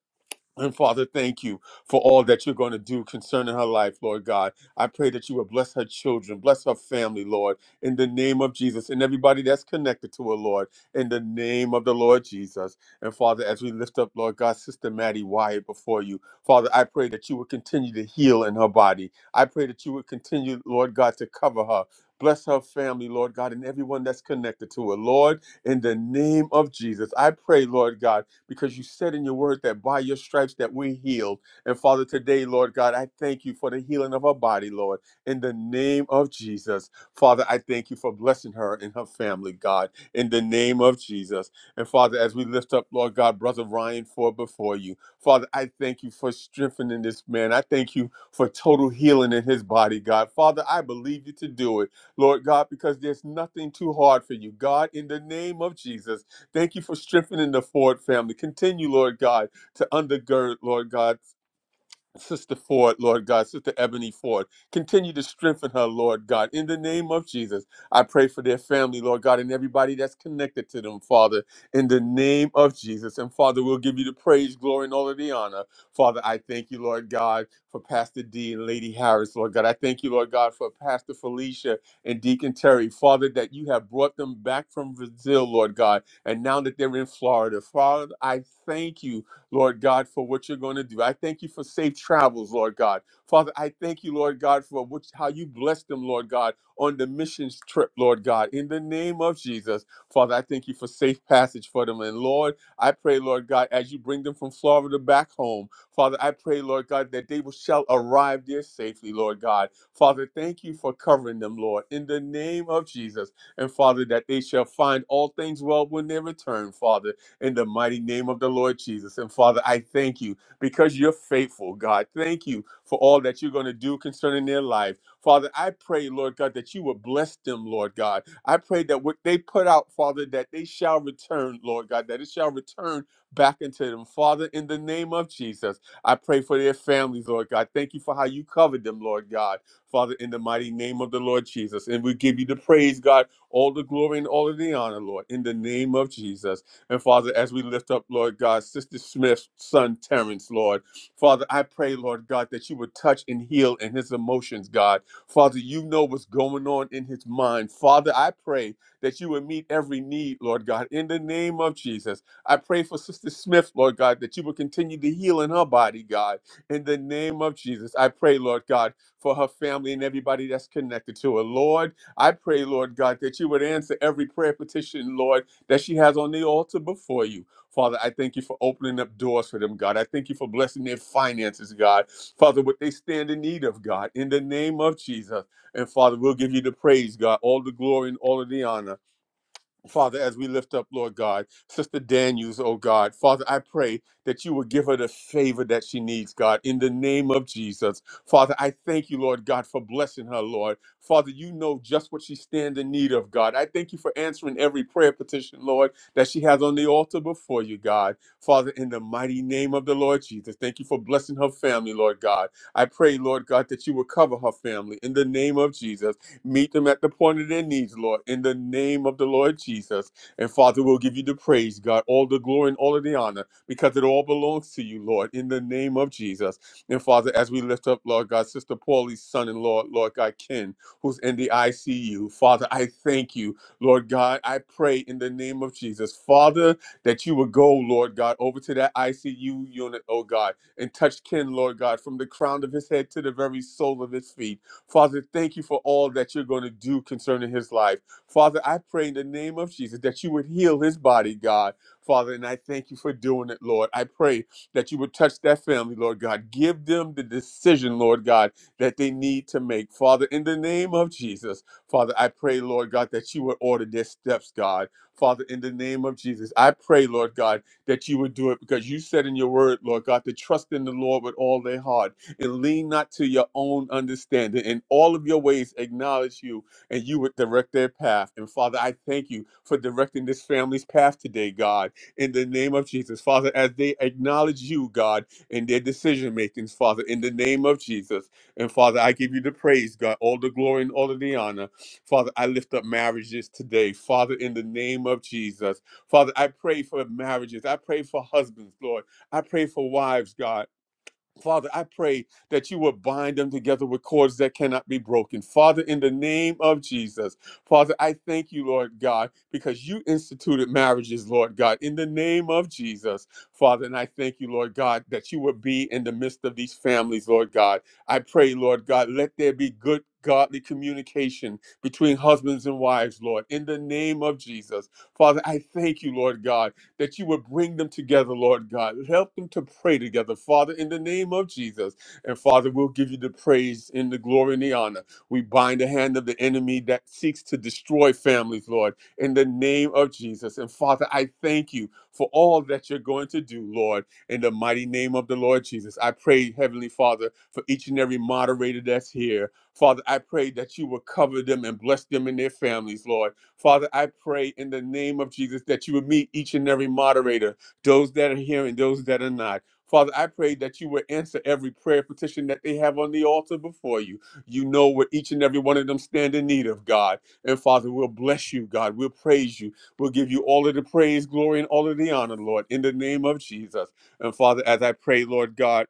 Speaker 1: And Father, thank you for all that you're going to do concerning her life, Lord God. I pray that you would bless her children, bless her family, Lord, in the name of Jesus, and everybody that's connected to her, Lord, in the name of the Lord Jesus. And Father, as we lift up, Lord God, Sister Maddie Wyatt before you, Father, I pray that you would continue to heal in her body. I pray that you would continue, Lord God, to cover her. Bless her family, Lord God, and everyone that's connected to her. Lord, in the name of Jesus, I pray, Lord God because you said in your word that by your stripes that we're healed. And Father, today, Lord God, I thank you for the healing of her body, Lord, in the name of Jesus. Father, I thank you for blessing her and her family, God, in the name of Jesus. And Father, as we lift up, Lord God, Brother Ryan Ford before you, Father, I thank you for strengthening this man. I thank you for total healing in his body, God. Father, I believe you to do it, Lord God, because there's nothing too hard for you, God, in the name of Jesus. Thank you for strengthening the Ford family. Continue, Lord God, to undergird, Lord God, Sister Ford, Lord God, Sister Ebony Ford, continue to strengthen her, Lord God. In the name of Jesus, I pray for their family, Lord God, and everybody that's connected to them, Father, in the name of Jesus. And Father, we'll give you the praise, glory, and all of the honor. Father, I thank you, Lord God, for Pastor D and Lady Harris, Lord God. I thank you, Lord God, for Pastor Felicia and Deacon Terry, Father, that you have brought them back from Brazil, Lord God, and now that they're in Florida. Father, I thank you Lord God, for what you're going to do. I thank you for safe travels, Lord God. Father, I thank you, Lord God, for which, how you blessed them, Lord God, on the missions trip, Lord God. In the name of Jesus, Father, I thank you for safe passage for them. And Lord, I pray, Lord God, as you bring them from Florida back home, Father, I pray, Lord God, that they will shall arrive there safely, Lord God. Father, thank you for covering them, Lord, in the name of Jesus. And Father, that they shall find all things well when they return, Father in the mighty name of the Lord Jesus. And Father, I thank you because you're faithful, God. Thank you for all that you're going to do concerning their life. Father, I pray, Lord God, that you would bless them, Lord God. I pray that what they put out, Father, that they shall return, Lord God, that it shall return back into them. Father, in the name of Jesus, I pray for their families, Lord God. Thank you for how you covered them, Lord God. Father, in the mighty name of the Lord Jesus. And we give you the praise, God, all the glory and all of the honor, Lord, in the name of Jesus. And Father, as we lift up, Lord God, Sister Smith's son, Terrence, Lord, Father, I pray, Lord God, that you would touch and heal in his emotions, God. Father, you know what's going on in his mind. Father, I pray that you would meet every need, Lord God, in the name of Jesus. I pray for Sister Smith, Lord God, that you would continue to heal in her body, God, in the name of Jesus. I pray, Lord God, for her family and everybody that's connected to her. Lord, I pray, Lord God, that you would answer every prayer petition, Lord that she has on the altar before you. Father, I thank you for opening up doors for them, God. I thank you for blessing their finances, God. Father, what they stand in need of, God, in the name of Jesus. And Father, we'll give you the praise, God, all the glory and all of the honor. Father, as we lift up, Lord God, Sister Daniels, oh God, Father, I pray that you will give her the favor that she needs, God, in the name of Jesus. Father, I thank you, Lord God, for blessing her, Lord. Father, you know just what she stands in need of, God. I thank you for answering every prayer petition, Lord, that she has on the altar before you, God. Father, in the mighty name of the Lord Jesus, thank you for blessing her family, Lord God. I pray, Lord God, that you will cover her family in the name of Jesus. Meet them at the point of their needs, Lord, in the name of the Lord Jesus. And Father, we'll give you the praise, God, all the glory and all of the honor, because it all belongs to you, Lord, in the name of Jesus. And Father, as we lift up, Lord God, Sister Paulie's son and Lord, Lord God, Ken, who's in the ICU, Father, I thank you, Lord God. I pray in the name of Jesus, Father, that you would go, Lord God, over to that ICU unit, oh God, and touch Ken, Lord God, from the crown of his head to the very sole of his feet. Father, thank you for all that you're going to do concerning his life. Father, I pray in the name of Jesus that you would heal his body, God. Father, and I thank you for doing it, Lord. I pray that you would touch that family, Lord God. Give them the decision, Lord God, that they need to make. Father, in the name of Jesus, Father, I pray, Lord God, that you would order their steps, God. Father, in the name of Jesus, I pray, Lord God, that you would do it because you said in your word, Lord God, to trust in the Lord with all their heart and lean not to your own understanding. In all of your ways, acknowledge you, and you would direct their path. And Father, I thank you for directing this family's path today, God, in the name of Jesus. Father, as they acknowledge you, God, in their decision makings, Father, in the name of Jesus. And Father, I give you the praise, God, all the glory and all of the honor. Father, I lift up marriages today, Father, in the name of Jesus. Father, I pray for marriages. I pray for husbands, Lord. I pray for wives, God. Father, I pray that you will bind them together with cords that cannot be broken. Father, in the name of Jesus, Father, I thank you, Lord God, because you instituted marriages, Lord God, in the name of Jesus, Father. And I thank you, Lord God, that you will be in the midst of these families, Lord God. I pray, Lord God, let there be good. Godly communication between husbands and wives, Lord, in the name of Jesus. Father, I thank you, Lord God, that you would bring them together, Lord God. Help them to pray together, Father, in the name of Jesus. And Father, we'll give you the praise and the glory and the honor. We bind the hand of the enemy that seeks to destroy families, Lord, in the name of Jesus. And Father, I thank you for all that you're going to do, Lord, in the mighty name of the Lord Jesus. I pray, Heavenly Father, for each and every moderator that's here. Father, I pray that you will cover them and bless them and their families, Lord Father, I pray in the name of Jesus that you would meet each and every moderator, those that are here and those that are not. Father, I pray that you would answer every prayer petition that they have on the altar before you. You know what each and every one of them stand in need of, God. And Father, we'll bless you, God. We'll praise you. We'll give you all of the praise, glory, and all of the honor, Lord, in the name of Jesus. And Father, as I pray, Lord God,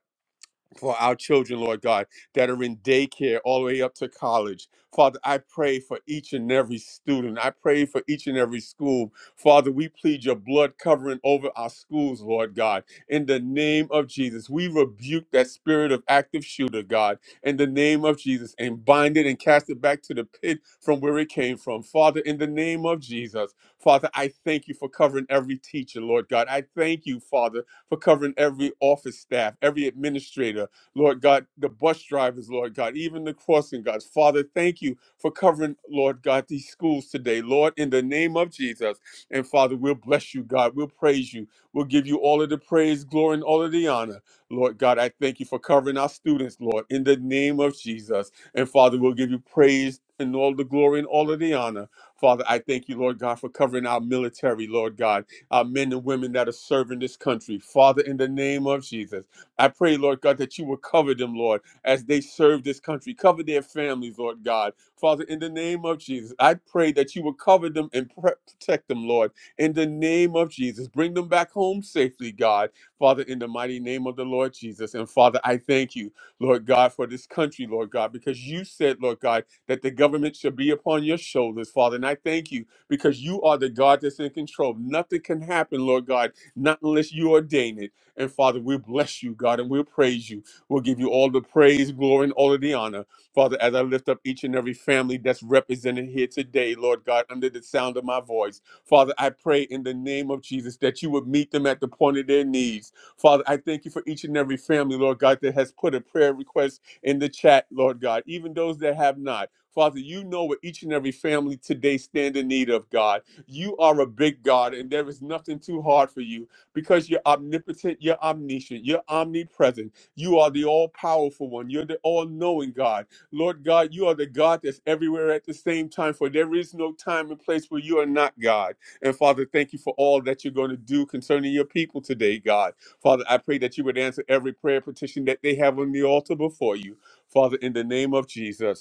Speaker 1: for our children, Lord God, that are in daycare all the way up to college. Father, I pray for each and every student. I pray for each and every school. Father, we plead your blood covering over our schools, Lord God. In the name of Jesus, we rebuke that spirit of active shooter, God, in the name of Jesus, and bind it and cast it back to the pit from where it came from. Father, in the name of Jesus, Father, I thank you for covering every teacher, Lord God. I thank you, Father, for covering every office staff, every administrator, Lord God, the bus drivers, Lord God, even the crossing guards. Father, thank you for covering, Lord God, these schools today, Lord, in the name of Jesus. And Father, we'll bless you, God. We'll praise you. We'll give you all of the praise, glory, and all of the honor. Lord God, I thank you for covering our students, Lord, in the name of Jesus. And Father, we'll give you praise and all the glory and all of the honor. Father, I thank you, Lord God, for covering our military, Lord God, our men and women that are serving this country. Father, in the name of Jesus. I pray, Lord God, that you will cover them, Lord, as they serve this country. Cover their families, Lord God. Father, in the name of Jesus, I pray that you will cover them and pre- protect them, Lord, in the name of Jesus. Bring them back home safely, God. Father, in the mighty name of the Lord Jesus. And Father, I thank you, Lord God, for this country, Lord God, because you said, Lord God, that the government should be upon your shoulders, Father. And I thank you because you are the God that's in control. Nothing can happen, Lord God, not unless you ordain it. And Father, we bless you, God, and we'll praise you. We'll give you all the praise, glory, and all of the honor. Father, as I lift up each and every family that's represented here today, Lord God, under the sound of my voice, Father, I pray in the name of Jesus that you would meet them at the point of their needs. Father, I thank you for each and every family, Lord God, that has put a prayer request in the chat, Lord God, even those that have not. Father, you know what each and every family today stand in need of, God. You are a big God, and there is nothing too hard for you because you're omnipotent, you're omniscient, you're omnipresent. You are the all powerful one. You're the all knowing God. Lord God, you are the God that's everywhere at the same time, for there is no time and place where you are not God. And Father, thank you for all that you're going to do concerning your people today, God. Father, I pray that you would answer every prayer petition that they have on the altar before you. Father, in the name of Jesus.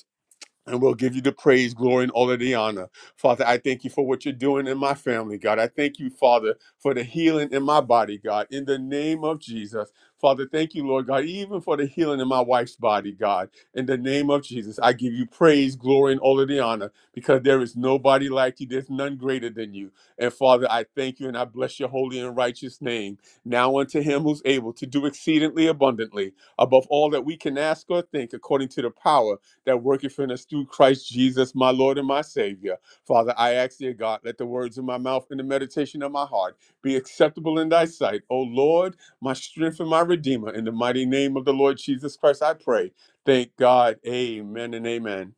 Speaker 1: And we'll give you the praise, glory, and all of the honor. Father, I thank you for what you're doing in my family, God. I thank you, Father, for the healing in my body, God, in the name of Jesus. Father, thank you, Lord God, even for the healing in my wife's body, God, in the name of Jesus. I give you praise, glory, and all of the honor because there is nobody like you. There's none greater than you. And Father, I thank you and I bless your holy and righteous name. Now unto him who's able to do exceedingly abundantly above all that we can ask or think according to the power that worketh in us through Christ Jesus, my Lord and my Savior. Father, I ask, dear God, let the words of my mouth and the meditation of my heart be acceptable in thy sight. O Lord, my strength and my redeemer, in the mighty name of the Lord Jesus Christ, I pray. Thank God. Amen and amen.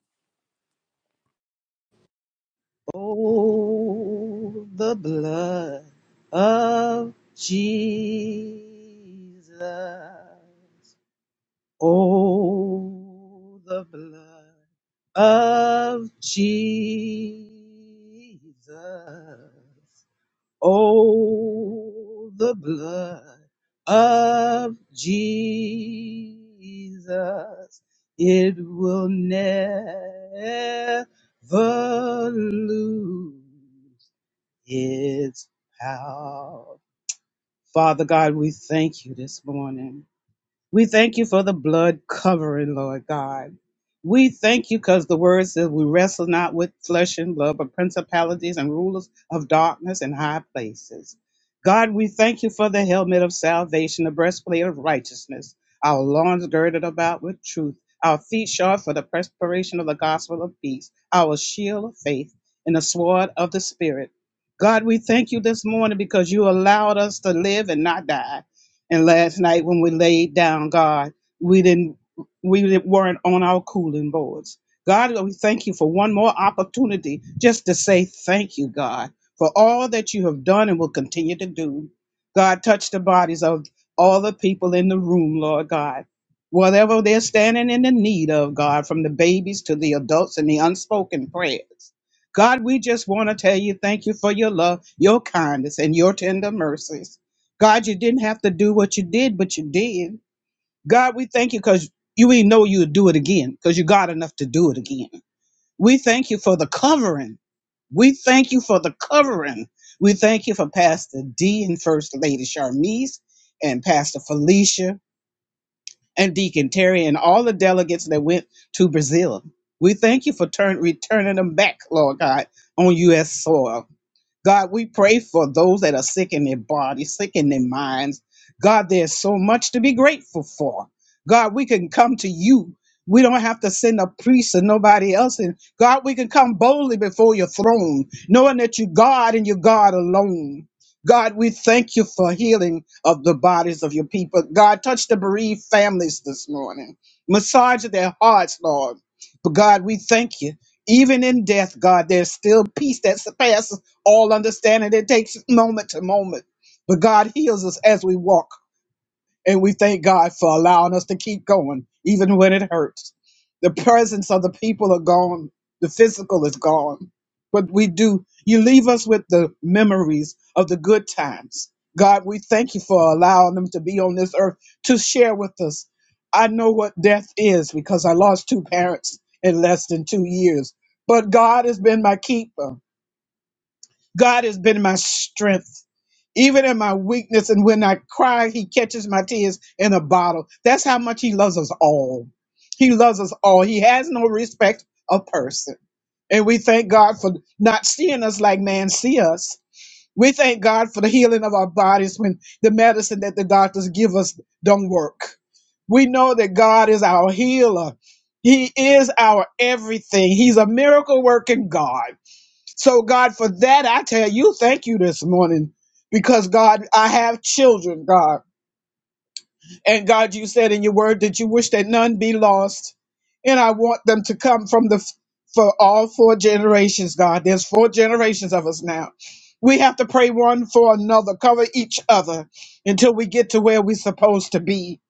Speaker 6: Oh, the blood of Jesus. Oh, the blood of Jesus. Oh, the blood of Jesus. It will never lose. His power. Father God, we thank you this morning. We thank you for the blood covering, Lord God. We thank you because the word says we wrestle not with flesh and blood, but principalities and rulers of darkness and high places. God, we thank you for the helmet of salvation, the breastplate of righteousness, our loins girded about with truth, our feet shod for the preparation of the gospel of peace, our shield of faith, and the sword of the Spirit. God, we thank you this morning because you allowed us to live and not die. And last night when we laid down, God, we didn't we didn't- weren't on our cooling boards. God, we thank you for one more opportunity just to say thank you, God, for all that you have done and will continue to do. God, touch the bodies of all the people in the room, Lord God. Whatever they're standing in the need of, God, from the babies to the adults and the unspoken prayers. God, we just want to tell you thank you for your love, your kindness, and your tender mercies. God, you didn't have to do what you did, but you did. God, we thank you because you even know you would do it again because you got enough to do it again. We thank you for the covering. We thank you for the covering. We thank you for Pastor D and First Lady Charmise and Pastor Felicia and Deacon Terry and all the delegates that went to Brazil. We thank you for turn, returning them back, Lord God, on U.S. soil. God, we pray for those that are sick in their bodies, sick in their minds. God, there's so much to be grateful for. God, we can come to you. We don't have to send a priest or nobody else. And God, we can come boldly before your throne, knowing that you're God and you're God alone. God, we thank you for healing of the bodies of your people. God, touch the bereaved families this morning. Massage their hearts, Lord. But God, we thank you even in death, God, there's still peace that surpasses all understanding. It takes moment to moment. But God heals us as we walk. And we thank God for allowing us to keep going, even when it hurts. The presence of the people are gone, the physical is gone. But we do, you leave us with the memories of the good times. God, we thank you for allowing them to be on this earth to share with us. I know what death is because I lost two parents in less than two years. But God has been my keeper. God has been my strength. Even in my weakness and when I cry, he catches my tears in a bottle. That's how much he loves us all. He loves us all. He has no respect of person. And we thank God for not seeing us like man see us. We thank God for the healing of our bodies when the medicine that the doctors give us don't work. We know that God is our healer. He is our everything. He's a miracle working God. So, God, for that, I tell you, thank you this morning. Because, God, I have children, God. And, God, you said in your word that you wish that none be lost. And I want them to come from the, f- for all four generations, God. There's four generations of us now. We have to pray one for another, cover each other until we get to where we're supposed to be.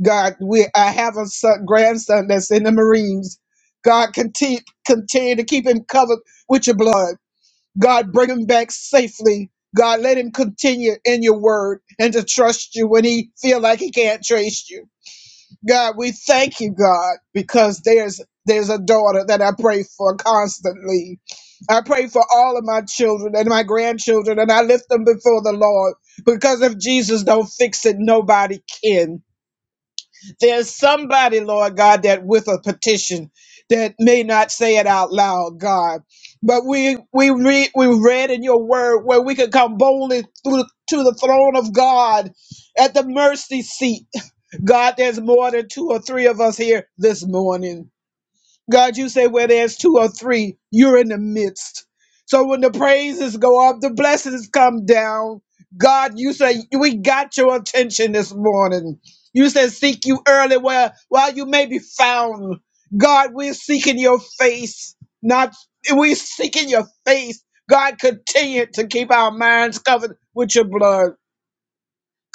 Speaker 6: God, we, I have a son, grandson that's in the Marines. God, continue, continue to keep him covered with your blood. God, bring him back safely. God, let him continue in your word and to trust you when he feel like he can't trace you. God, we thank you, God, because there's there's a daughter that I pray for constantly. I pray for all of my children and my grandchildren, and I lift them before the Lord because if Jesus don't fix it, nobody can. There's somebody, Lord God, that with a petition that may not say it out loud, God. But we we read we read in your word where we can come boldly through to the throne of God at the mercy seat. God, there's more than two or three of us here this morning. God, you say where there's two or three, you're in the midst. So when the praises go up, the blessings come down. God, you say we got your attention this morning. You said seek you early where while you may be found. God, we're seeking your face. Not we're seeking your face. God, continue to keep our minds covered with your blood.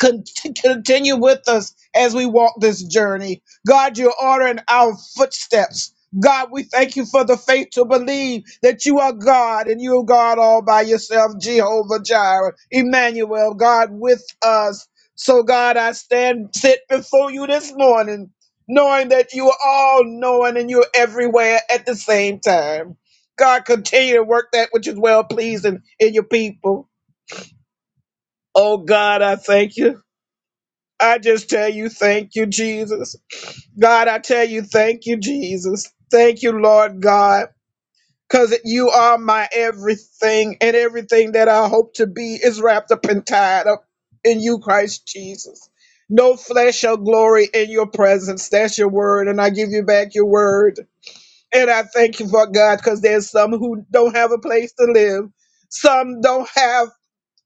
Speaker 6: Con- continue with us as we walk this journey. God, you're ordering our footsteps. God, we thank you for the faith to believe that you are God and you are God all by yourself, Jehovah Jireh, Emmanuel, God with us. So, God, I stand, sit before you this morning, knowing that you are all knowing and you're everywhere at the same time. God, continue to work that which is well pleasing in your people. Oh, God, I thank you. I just tell you, thank you, Jesus. God, I tell you, thank you, Jesus. Thank you, Lord God, because you are my everything, and everything that I hope to be is wrapped up and tied up in you, Christ Jesus. No flesh shall glory in your presence. That's your word, and I give you back your word. And I thank you for God, because there's some who don't have a place to live. Some don't have,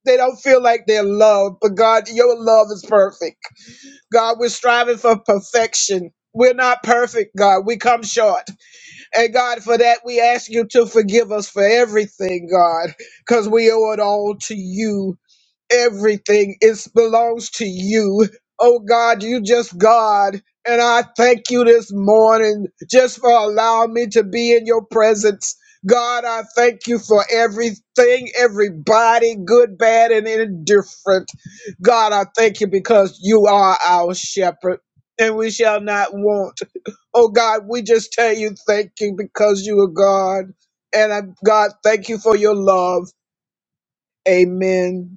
Speaker 6: they don't feel like they're loved, but God, your love is perfect. God, we're striving for perfection. We're not perfect, God. We come short. And God, for that, we ask you to forgive us for everything, God, because we owe it all to you everything is belongs to you. Oh God, you just God. And I thank you this morning just for allowing me to be in your presence. God, I thank you for everything, everybody, good, bad, and indifferent. God, I thank you because you are our shepherd and we shall not want. Oh God, we just tell you thank you because you are God. And I, God, thank you for your love. Amen.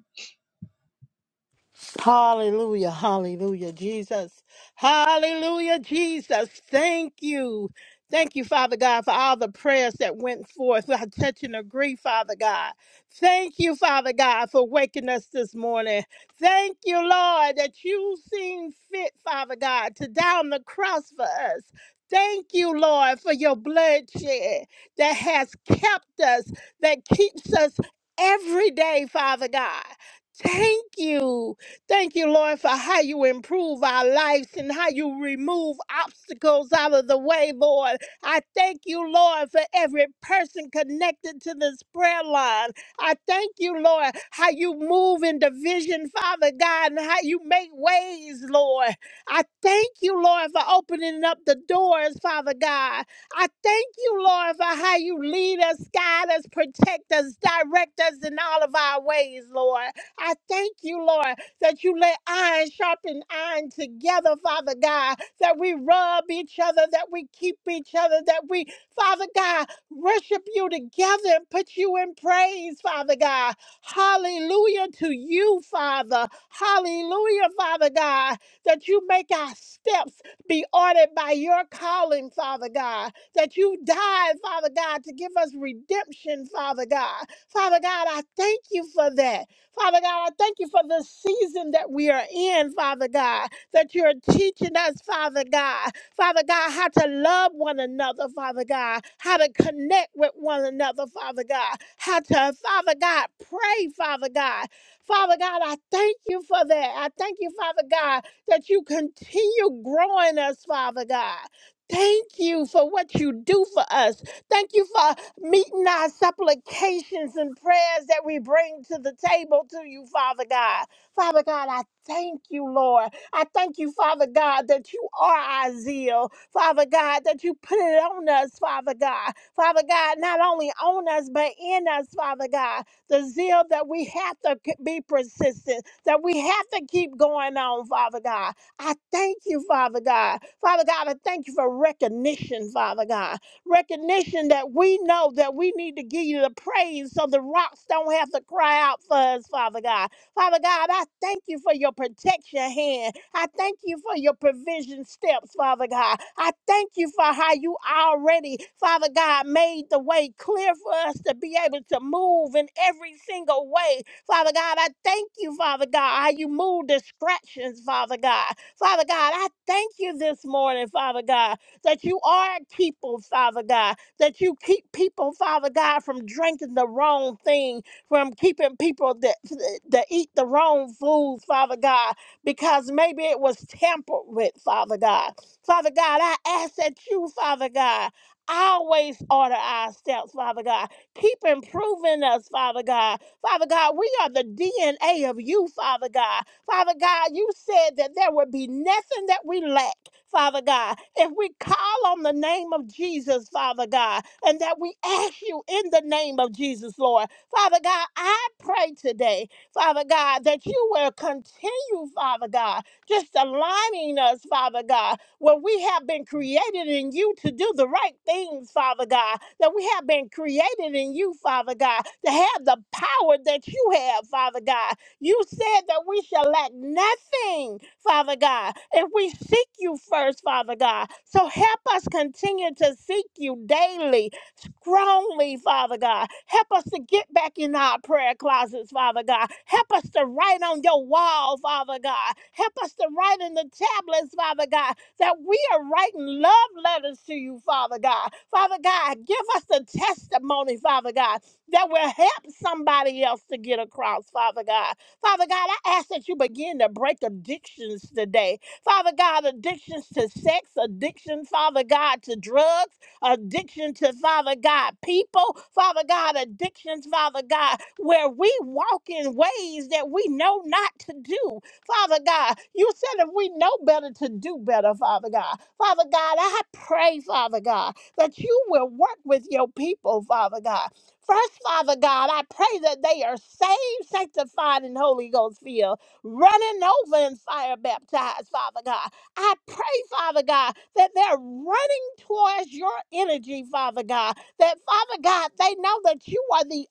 Speaker 5: Hallelujah, hallelujah, Jesus. Hallelujah, Jesus. Thank you. Thank you, Father God, for all the prayers that went forth. I touch and agree, Father God. Thank you, Father God, for waking us this morning. Thank you, Lord, that you seem fit, Father God, to die on the cross for us. Thank you, Lord, for your bloodshed that has kept us, that keeps us every day, Father God. Thank you. Thank you, Lord, for how you improve our lives and how you remove obstacles out of the way, Lord. I thank you, Lord, for every person connected to this prayer line. I thank you, Lord, how you move in division, Father God, and how you make ways, Lord. I thank you, Lord, for opening up the doors, Father God. I thank you, Lord, for how you lead us, guide us, protect us, direct us in all of our ways, Lord. I thank you, Lord that you let iron sharpen iron together, Father God, that we rub each other, that we keep each other, that we, Father God, worship you together and put you in praise, Father God. Hallelujah to you, Father. Hallelujah, Father God, that you make our steps be ordered by your calling, Father God, that you died, Father God, to give us redemption, Father God. Father God, I thank you for that. Father God, I thank you for the season that we are in, Father God, that you're teaching us, Father God, Father God, how to love one another, Father God, how to connect with one another, Father God, how to, Father God, pray, Father God. Father God, I thank you for that. I thank you, Father God, that you continue growing us, Father God. Thank you for what you do for us. Thank you for meeting our supplications and prayers that we bring to the table to you, Father God. Father God, I thank you, Lord. I thank you, Father God, that you are our zeal. Father God, that you put it on us, Father God. Father God, not only on us, but in us, Father God. The zeal that we have to c- be persistent, that we have to keep going on, Father God. I thank you, Father God. Father God, I thank you for recognition, Father God recognition that we know that we need to give you the praise so the rocks don't have to cry out for us, Father God. Father God, I thank you for your protection hand. I thank you for your provision steps, Father God. I thank you for how you already, Father God, made the way clear for us to be able to move in every single way. Father God, I thank you, Father God, how you move distractions, Father God. Father God, I thank you this morning, Father God that you are people, Father God, that you keep people, Father God, from drinking the wrong thing, from keeping people that, that eat the wrong foods, Father God, because maybe it was tampered with, Father God. Father God, I ask that you, Father God, always order our steps, Father God. Keep improving us, Father God. Father God, we are the DNA of you, Father God. Father God, you said that there would be nothing that we lack, Father God, if we call on the name of Jesus, Father God, and that we ask you in the name of Jesus, Lord. Father God, I pray today, Father God, that you will continue, Father God, just aligning us, Father God, where we have been created in you to do the right things, Father God, that we have been created in you, Father God, to have the power that you have, Father God. You said that we shall lack nothing, Father God, if we seek you first, Father God. So help us continue to seek you daily, strongly, Father God. Help us to get back in our prayer closets, Father God. Help us to write on your wall, Father God. Help us to write in the tablets, Father God, that we are writing love letters to you, Father God. Father God, give us the testimony, Father God, that will help somebody else to get across, Father God. Father God, I ask that you begin to break addictions today. Father God, addictions to sex, addiction, Father God, to drugs, addiction to, Father God, people, Father God, addictions, Father God, where we walk in ways that we know not to do. Father God, you said if we know better to do better, Father God. Father God, I pray, Father God, that you will work with your people, Father God. First, Father God, I pray that they are saved, sanctified, and Holy Ghost filled, running over and fire baptized, Father God. I pray, Father God, that they're running towards your energy, Father God. That, Father God, they know that you are the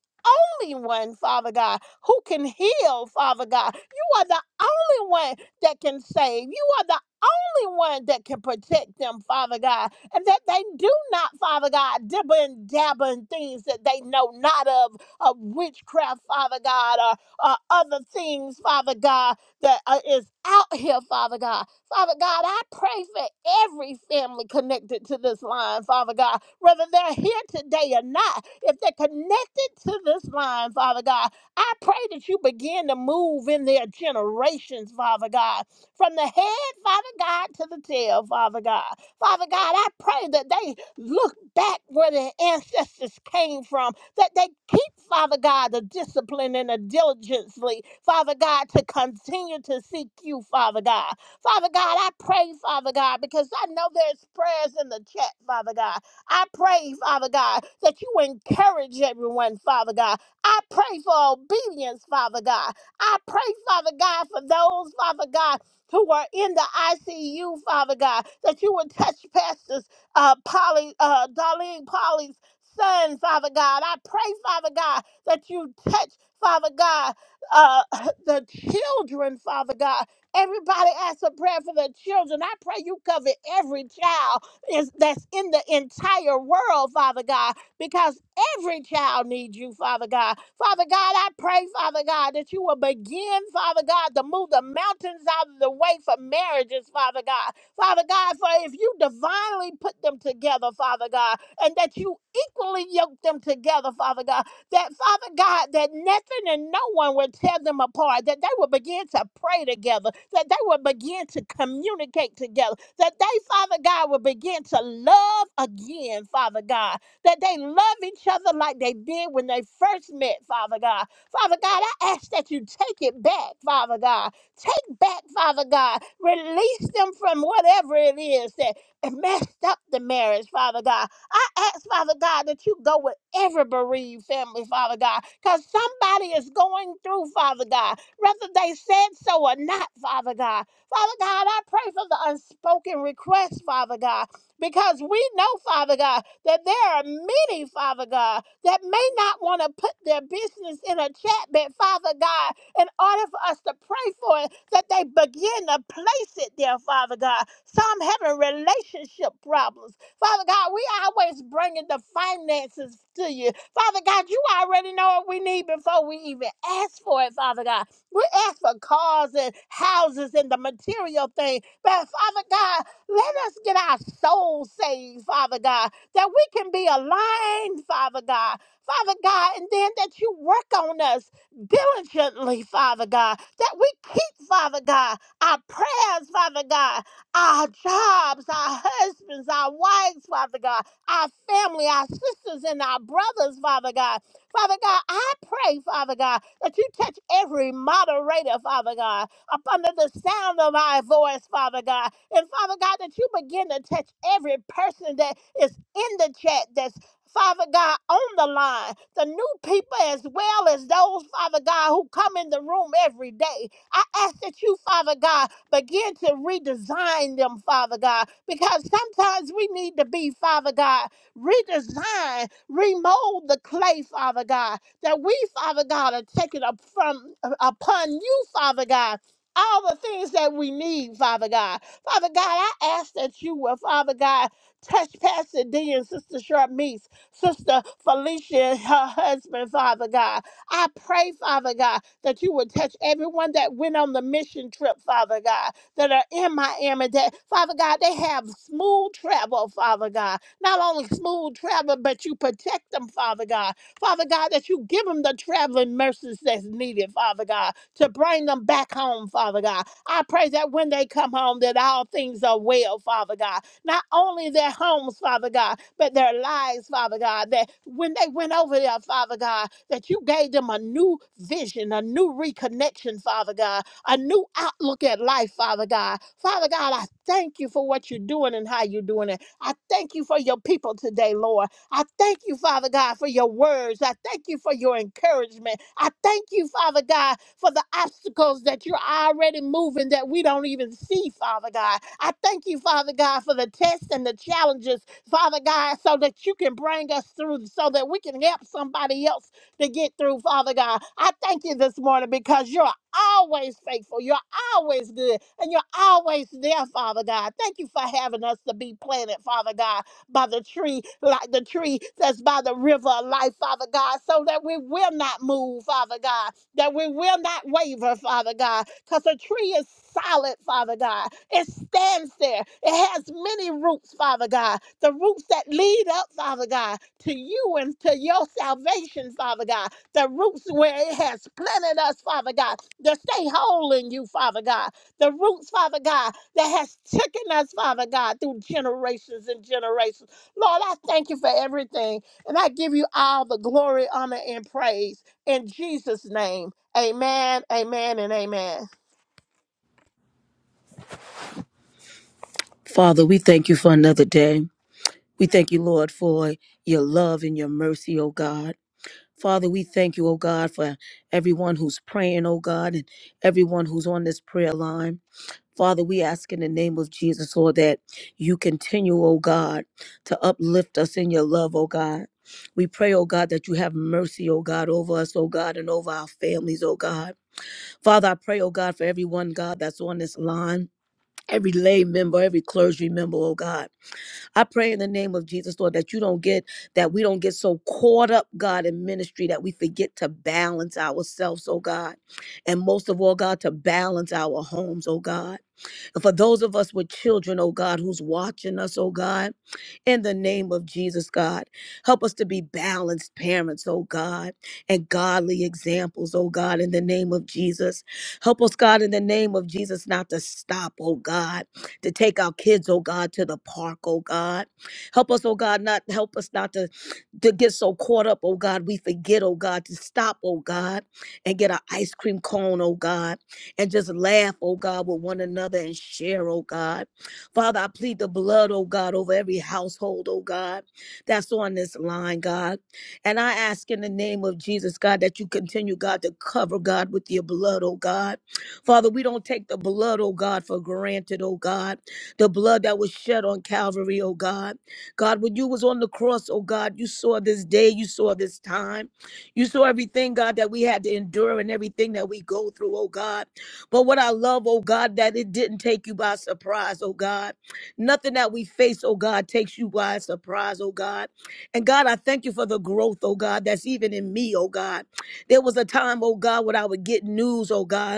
Speaker 5: only one, Father God, who can heal, Father God. You are the only one that can save. You are the only one that can protect them, Father God and that they do not, Father God, dibble and dabble in things that they know not of, of witchcraft, Father God, or, or other things, Father God, that uh, is out here, Father God. Father God, I pray for every family connected to this line, Father God, whether they're here today or not. If they're connected to this line, Father God, I pray that you begin to move in their generations, Father God, from the head, Father God, to the tail, Father God. Father God, I pray that they look back where their ancestors came from, that they keep, Father God, the discipline and the diligently, Father God, to continue to seek you, Father God. Father God, I pray, Father God, because I know there's prayers in the chat, Father God. I pray, Father God, that you encourage everyone, Father God. I pray for obedience, Father God. I pray, Father God, for those, Father God, who are in the ICU, Father God, that you would touch pastors, uh, Polly, uh, Darlene Polly's son, Father God. I pray, Father God, that you touch, Father God, uh, the children, Father God. Everybody asks a prayer for their children. I pray you cover every child is, that's in the entire world, Father God because every child needs you, Father God. Father God, I pray, Father God, that you will begin, Father God, to move the mountains out of the way for marriages, Father God. Father God, for if you divinely put them together, Father God, and that you equally yoke them together, Father God, that Father God, that nothing and no one would tear them apart, that they will begin to pray together, that they will begin to communicate together, that they, Father God, will begin to love again, Father God that they love each other like they did when they first met, Father God. Father God, I ask that you take it back, Father God. Take back, Father God. Release them from whatever it is that messed up the marriage, Father God. I ask, Father God, that you go with every bereaved family, Father God, because somebody is going through, Father God, whether they said so or not, Father God. Father God, I pray for the unspoken requests, Father God, because we know, Father God that there are many, Father God, that may not want to put their business in a chat, but Father God, in order for us to pray for it, that they begin to place it there, Father God. Some having relationship problems. Father God, we always bringing the finances to you. Father God, you already know what we need before we even ask for it, Father God. We ask for cars and houses and the material thing. But Father God, let us get our souls saved, Father God that we can be aligned, Father God. Father God, and then that you work on us diligently, Father God, that we keep, Father God, our prayers, Father God, our jobs, our husbands, our wives, Father God, our family, our sisters, and our brothers, Father God. Father God, I pray, Father God, that you touch every moderator, Father God up under the sound of my voice, Father God. And Father God, that you begin to touch every person that is in the chat that's Father God, on the line, the new people as well as those, Father God, who come in the room every day. I ask that you, Father God, begin to redesign them, Father God, because sometimes we need to be, Father God, redesign, remold the clay, Father God, that we, Father God, are taking up from upon you, Father God all the things that we need, Father God. Father God, I ask that you will, Father God, touch Pastor D and Sister Sharmise, Sister Felicia and her husband, Father God. I pray, Father God, that you would touch everyone that went on the mission trip, Father God, that are in Miami, that, Father God, they have smooth travel, Father God. Not only smooth travel, but you protect them, Father God. Father God, that you give them the traveling mercies that's needed, Father God to bring them back home, Father God. I pray that when they come home, that all things are well, Father God. Not only their homes, Father God, but their lives, Father God. That when they went over there, Father God, that you gave them a new vision, a new reconnection, Father God, a new outlook at life, Father God. Father God, I thank you for what you're doing and how you're doing it. I thank you for your people today, Lord. I thank you, Father God, for your words. I thank you for your encouragement. I thank you, Father God, for the obstacles that you're already moving that we don't even see, Father God. I thank you, Father God, for the tests and the challenges, Father God, so that you can bring us through, so that we can help somebody else to get through, Father God. I thank you this morning because you're always faithful. You're always good. And you're always there, Father God. Thank you for having us to be planted, Father God by the tree, like the tree that's by the river of life, Father God, so that we will not move, Father God, that we will not waver, Father God, because a tree is solid, Father God. It stands there. It has many roots, Father God. The roots that lead up, Father God, to you and to your salvation, Father God. The roots where it has planted us, Father God, to stay whole in you, Father God the roots, Father God, that has taken us, Father God, through generations and generations. Lord, I thank you for everything. And I give you all the glory, honor, and praise in Jesus' name. Amen, amen, and amen.
Speaker 8: Father, we thank you for another day. We thank you, Lord, for your love and your mercy, oh God. Father, we thank you, oh God, for everyone who's praying, oh God, and everyone who's on this prayer line. Father, we ask in the name of Jesus, Lord, that you continue, oh God, to uplift us in your love, oh God. We pray, oh God, that you have mercy, oh God, over us, oh God, and over our families, oh God. Father, I pray, oh God, for everyone, God, that's on this line. Every lay member, every clergy member, oh God. I pray in the name of Jesus, Lord, that you don't get, that we don't get so caught up, God, in ministry that we forget to balance ourselves, oh God. And most of all, God, to balance our homes, oh God. And For those of us with children, oh God, who's watching us, oh God, in the name of Jesus, God, help us to be balanced parents, oh God, and godly examples, oh God, in the name of Jesus. Help us, God, in the name of Jesus, not to stop, oh God, to take our kids, oh God, to the park, oh God. Help us, oh God, not help us not to, to get so caught up, oh God, we forget, oh God, to stop, oh God, and get an ice cream cone, oh God and just laugh, oh God, with one another and share, oh God. Father, I plead the blood, oh God, over every household, oh God, that's on this line, God. And I ask in the name of Jesus, God, that you continue, God, to cover, God, with your blood, oh God. Father, we don't take the blood, oh God, for granted, oh God. The blood that was shed on Calvary, oh God. God, when you was on the cross, oh God, you saw this day, you saw this time. You saw everything, God, that we had to endure and everything that we go through, oh God. But what I love, oh God, that it didn't take you by surprise, oh God. Nothing that we face, oh God, takes you by surprise, oh God. And God, I thank you for the growth, oh God, that's even in me, oh God. There was a time, oh God, when I would get news, oh God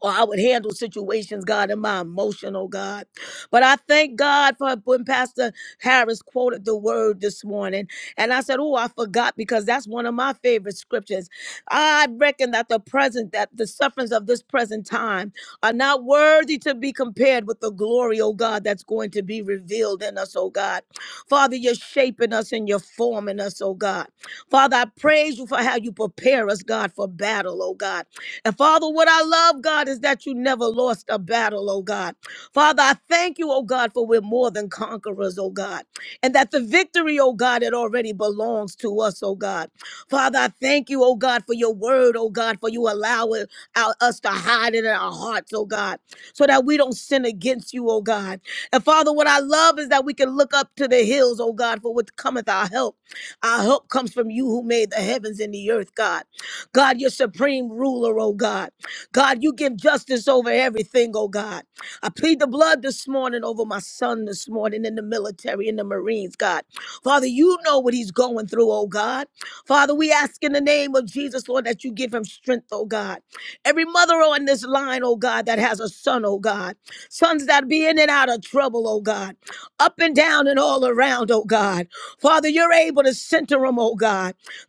Speaker 8: or I would handle situations, God, in my emotional, God. But I thank God for when Pastor Harris quoted the word this morning. And I said, Oh, I forgot because that's one of my favorite scriptures. I reckon that the present, that the sufferings of this present time are not worthy to be compared with the glory, oh God, that's going to be revealed in us, oh God. Father, you're shaping us and you're forming us, oh God. Father, I praise you for how you prepare us, God, for battle, oh God. And Father, what I love, God, is that you never lost a battle, oh God. Father, I thank you, oh God, for we're more than conquerors, oh God. And that the victory, oh God, it already belongs to us, oh God. Father, I thank you, oh God, for your word, oh God, for you allow it, our, us to hide it in our hearts, oh God, so that we don't sin against you, oh God. And Father, what I love is that we can look up to the hills, oh God, for what cometh our help. Our help comes from you who made the heavens and the earth, God. God, you're supreme ruler, oh God. God, you give justice over everything, oh God. I plead the blood this morning over my son this morning in the military, in the Marines, God. Father, you know what he's going through, oh God. Father, we ask in the name of Jesus, Lord, that you give him strength, oh God. Every mother on this line, oh God, that has a son, oh God. Sons that be in and out of trouble, oh God. Up and down and all around, oh God. Father, you're able to center them, oh God.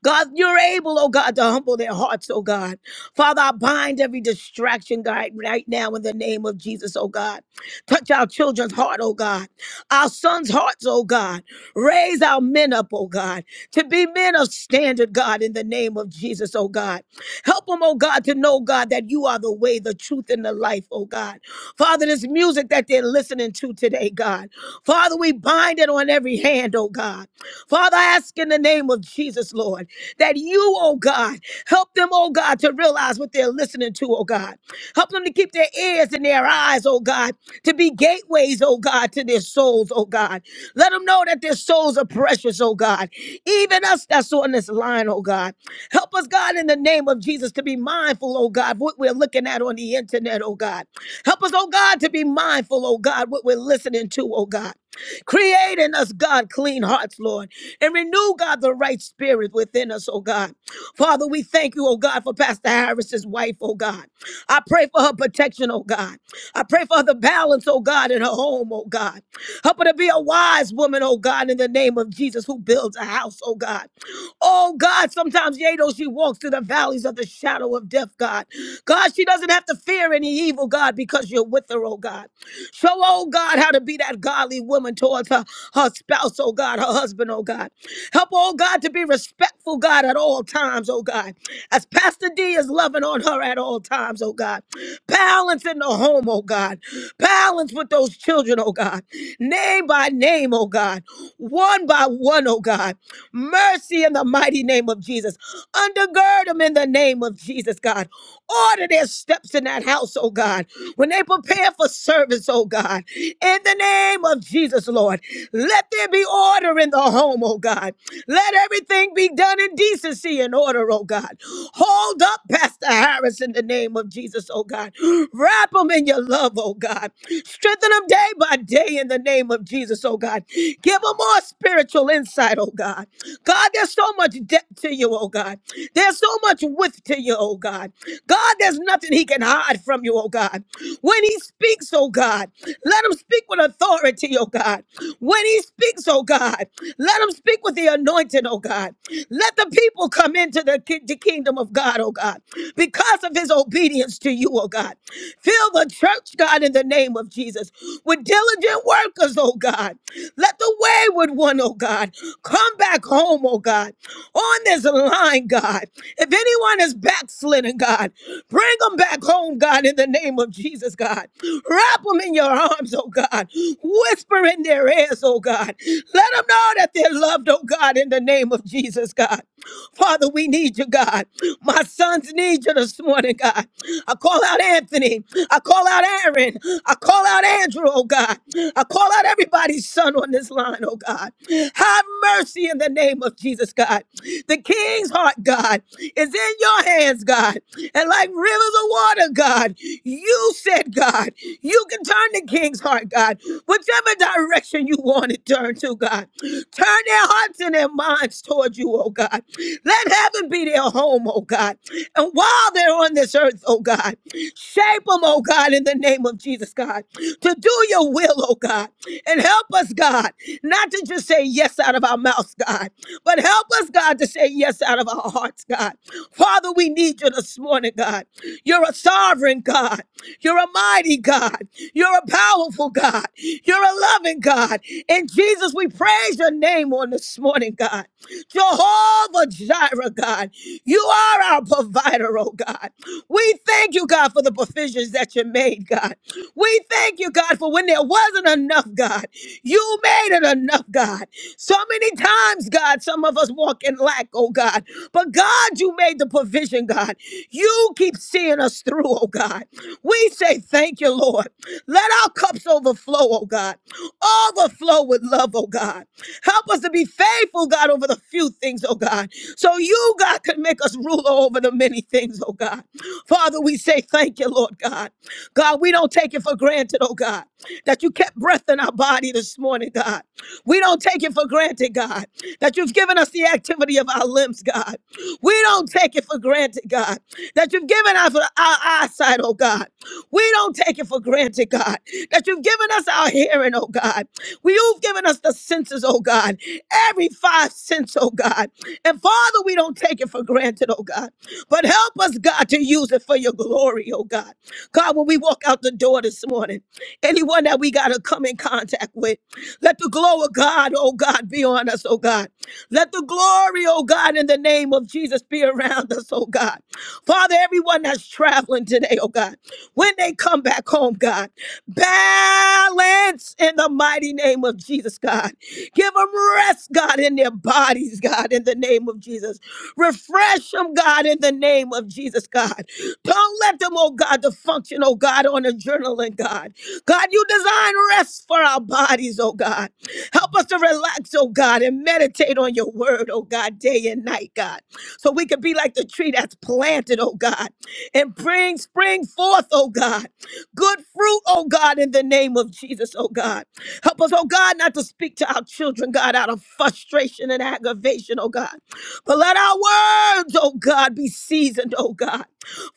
Speaker 8: God, you're able, oh God, to humble their hearts, oh God. Father, I bind every distraction, God, right now in the name of Jesus, oh God. Touch our children's heart, oh God. Our sons' hearts, oh God. Raise our men up, oh God, to be men of standard, God, in the name of Jesus, oh God. Help them, oh God, to know, God, that you are the way, the truth, and the life, oh God. Father, this music that they're listening to today, God. Father, we bind it on every hand, oh God. Father, I ask in the name of Jesus, Lord that you, oh God, help them, oh God, to realize what they're listening to, oh God. Help them to keep their ears and their eyes, oh God, to be gateways, oh God, to their souls, oh God. Let them know that their souls are precious, oh God. Even us that's on this line, oh God. Help us, God, in the name of Jesus, to be mindful, oh God, what we're looking at on the internet, oh God. Help us, oh God, to be mindful, oh God, what we're listening to, oh God. Create in us, God, clean hearts, Lord and renew, God, the right spirit within us, oh God. Father, we thank you, oh God, for Pastor Harris's wife, oh God. I pray for her protection, oh God. I pray for the balance, oh God, in her home, oh God. Help her to be a wise woman, oh God, in the name of Jesus, who builds a house, oh God. Oh God, sometimes, yea, though she walks through the valleys of the shadow of death, God. God, she doesn't have to fear any evil, God, because you're with her, oh God. Show, oh God, how to be that godly woman towards her her spouse, oh God, her husband, oh God. Help, her, oh God, to be respectful, God, at all times, oh God. As Pastor D is loving on her at all times, oh God. Balance in the home, oh God. Balance with those children, oh God. Name by name, oh God. One by one, oh God. Mercy in the mighty name of Jesus. Undergird them in the name of Jesus, God. Order their steps in that house, oh God. When they prepare for service, oh God. In the name of Jesus, Lord. Let there be order in the home, oh God. Let everything be done in decency and order, oh God. Hold up, Pastor Harris, in the name of Jesus, oh God. Wrap them in your love, oh God. Strengthen them day by day in the name of Jesus, oh God. Give them more spiritual insight, oh God. God, there's so much depth to you, oh God. There's so much width to you, oh God. God, there's nothing he can hide from you, oh God. When he speaks, oh God, let him speak with authority, oh God. When he speaks, oh God, let him speak with the anointing, oh God. Let the people come into the, ki- the kingdom of God, oh God, because of his obedience to you, oh God. Fill the church, God, in the name of Jesus, with diligent workers, oh God. Let the wayward one, oh God, come back home, oh God, on this line, God. If anyone is backslidden, God, bring them back home, God, in the name name of Jesus, God. Wrap them in your arms, oh God. Whisper in their ears, oh God. Let them know that they're loved, oh God, in the name of Jesus, God. Father, we need you, God. My sons need you this morning, God. I call out Anthony. I call out Aaron. I call out Andrew, oh God. I call out everybody's son on this line, oh God. Have mercy in the name of Jesus, God. The king's heart, God, is in your hands, God. God, and like rivers of water, God, you said, God, you can turn the king's heart, God, whichever direction you want it turned to, God. Turn their hearts and their minds toward you, oh God. Let heaven be their home, oh God. And while they're on this earth, oh God, shape them, oh God, in the name of Jesus, God, to do your will, oh God. And help us, God, not to just say yes out of our mouths, God, but help us, God, to say yes out of our hearts, God. Father, we need you this morning, God. You're a sovereign God. You're a mighty God. You're a powerful God. You're a loving God. And Jesus, we praise your name on this morning, God. Jehovah Jireh, God. You are our provider, oh God. We thank you, God, for the provisions that you made, God. We thank you, God, for when there wasn't enough, God. You made it enough, God. So many times, God, some of us walk in lack, oh God. But God, you made the provision, God. You keep seeing us through, oh God. We say thank you, Lord. Let our cups overflow, oh God. Overflow with love, oh God. Help us to be faithful, God, over the few things, oh God. So you, God, can make us ruler over the many things, oh God. Father, we say thank you, Lord God. God, we don't take it for granted, oh God, that you kept breath in our body this morning this morning, God. We don't take it for granted, God, that you've given us the activity of our limbs, God. We don't take it for granted, God, that you've given us our eyesight, oh God. We don't take it for granted, God, that you've given us our hearing, oh God. We, you've given us the senses, oh God, every five sense, oh God. And Father, we don't take it for granted, oh God, but help us, God, to use it for your glory, oh God. God, when we walk out the door this morning, anyone that we got to come in contact with, let the glow of God, oh God, be on us, oh God. Let the glory, oh God, in the name of Jesus be around us, oh God. Father, everyone that's traveling today, oh God, when they come back home, God, balance in the mighty name of Jesus, God. Give them rest, God, in their bodies, God, in the name of Jesus. Refresh them, God, in the name of Jesus, God. Don't let them, oh God, to function, oh God, on adrenaline, God. God, you design rest for our bodies, oh God. Help us to relax, oh God, and meditate on your word, oh God, day and night, God. So we can be like the tree that's planted, oh God, and bring spring forth, oh God. Good fruit, oh God, in the name of Jesus, oh God. Help us, oh God, not to speak to our children, God, out of frustration and aggravation, oh God. But let our words, oh God, be seasoned, oh God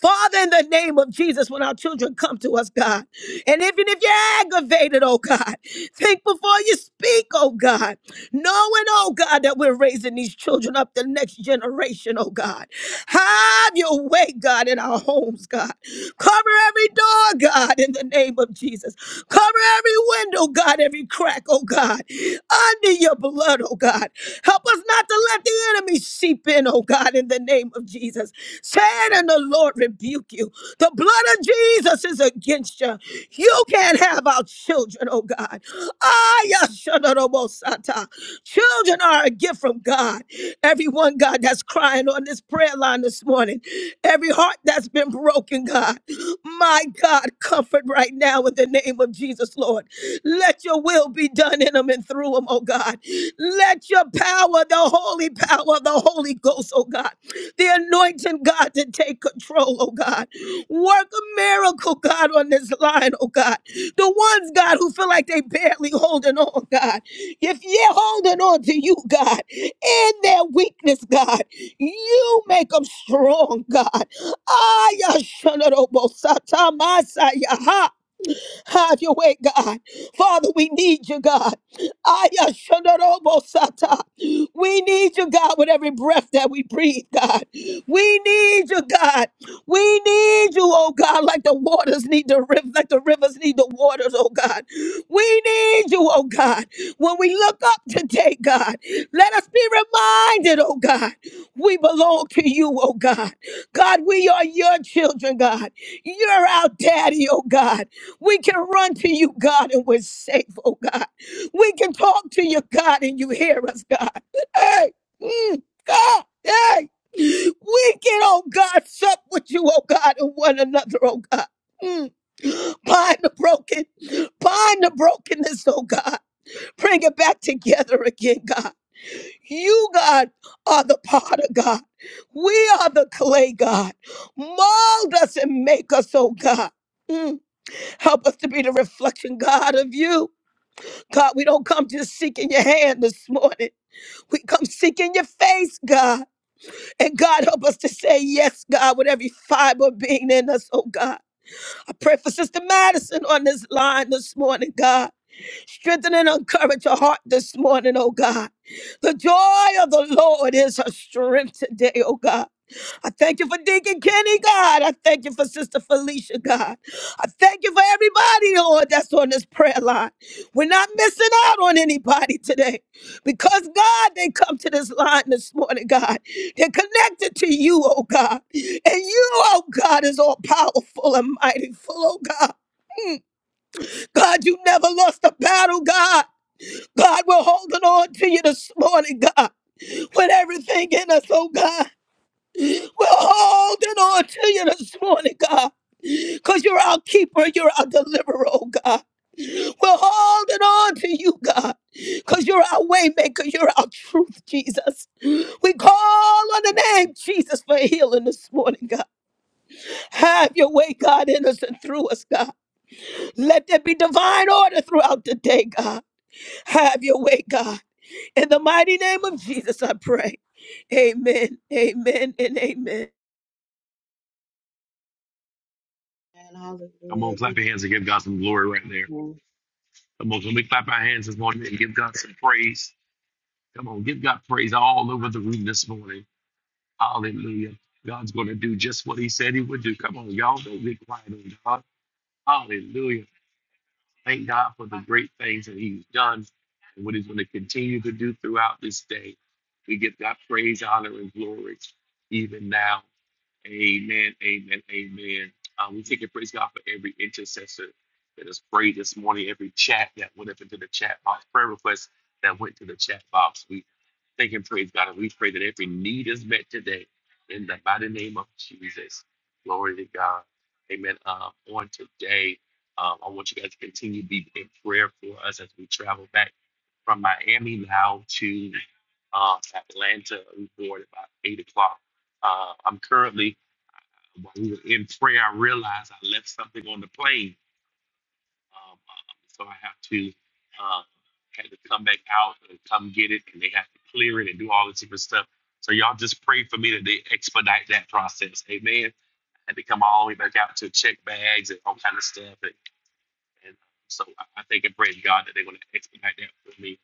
Speaker 8: Father, in the name of Jesus, when our children come to us, God, and even if you're aggravated, oh God, think before you speak, oh God, knowing, oh God, that we're raising these children up the next generation, oh God. Have your way, God, in our homes, God. Cover every door, God, in the name of Jesus. Cover every window, God, every crack, oh God, under your blood, oh God. Help us not to let the enemy seep in, oh God, in the name of Jesus. Satan and the Lord rebuke you. The blood of Jesus is against you. You can't have our children, oh God. Ah, yashadarobosata. Children are a gift from God. Everyone, God, that's crying on this prayer line this morning, every heart that's been broken, God, my God, comfort right now in the name of Jesus, Lord. Let your will be done in them and through them, oh God. Let your power, the holy power of the Holy Ghost, oh God, the anointing, God, to take control, oh God. Work a miracle, God, on this line, oh God. The ones, God, who feel like they barely holding on, God. If you're holding on to you, God, in their weakness, God, you make them strong, God. Ah, Yashanarobosatamasaya. Have your way, God. Father, we need you, God. Aya shandorobo sata. We need you, God, with every breath that we breathe, God. We need you, God. We need you, oh God, like the waters need the river, like the rivers need the waters, oh God. We need you, oh God. When we look up today, God, let us be reminded, oh God, we belong to you, oh God. God, we are your children, God. You're our daddy, oh God. We can run to you, God, and we're safe, oh God. We can talk to you, God, and you hear us, God. Hey, mm, God, hey. We can, oh God, sup with you, oh God, and one another, oh God. Mm. Bind the broken, bind the brokenness, oh God. Bring it back together again, God. You, God, are the potter, God. We are the clay, God. Mold us and make us, oh God. Mm. Help us to be the reflection, God, of you. God, we don't come just seeking your hand this morning. We come seeking your face, God. And God, help us to say yes, God, with every fiber being in us, oh God. I pray for Sister Madison on this line this morning, God. Strengthen and encourage her heart this morning, oh God. The joy of the Lord is her strength today, oh God. I thank you for Deacon Kenny, God. I thank you for Sister Felicia, God. I thank you for everybody, Lord, that's on this prayer line. We're not missing out on anybody today because, God, they come to this line this morning, God. They're connected to you, oh God. And you, oh God, is all powerful and mighty full, oh God. God, you never lost a battle, God. God, we're holding on to you this morning, God, with everything in us, oh God. We're holding on to you this morning, God. Because you're our keeper, you're our deliverer, oh God. We're holding on to you, God. Because you're our waymaker, you're our truth, Jesus. We call on the name Jesus for healing this morning, God. Have your way, God, in us and through us, God. Let there be divine order throughout the day, God. Have your way, God. In the mighty name of Jesus, I pray. Amen, amen, and amen.
Speaker 2: And
Speaker 3: Come
Speaker 2: hallelujah.
Speaker 3: on, clap
Speaker 2: Thank
Speaker 3: your hands and give God some glory right
Speaker 2: you.
Speaker 3: there.
Speaker 2: Amen.
Speaker 3: Come on, can we clap our hands this morning and give God some praise? Come on, give God praise all over the room this morning. Hallelujah. God's going to do just what he said he would do. Come on, y'all. Don't be quiet on God. Hallelujah. Thank God for the great things that he's done and what he's going to continue to do throughout this day. We give God praise, honor, and glory even now. Amen, amen, amen. Uh, we take and praise God for every intercessor that has prayed this morning, every chat that went up into the chat box, prayer requests that went to the chat box. We thank and praise God, and we pray that every need is met today in the mighty name of Jesus. Glory to God. Amen. Um, on today, um, I want you guys to continue to be in prayer for us as we travel back from Miami now to um, Atlanta. we board about 8 o'clock. Uh, I'm currently while we were in prayer, I realized I left something on the plane, um, uh, so I have to uh, had to come back out and come get it, and they have to clear it and do all this different stuff. So y'all just pray for me that they expedite that process. Amen. I had to come all the way back out to check bags and all kind of stuff, and and so I I thank and praise God that they're going to expedite that for me,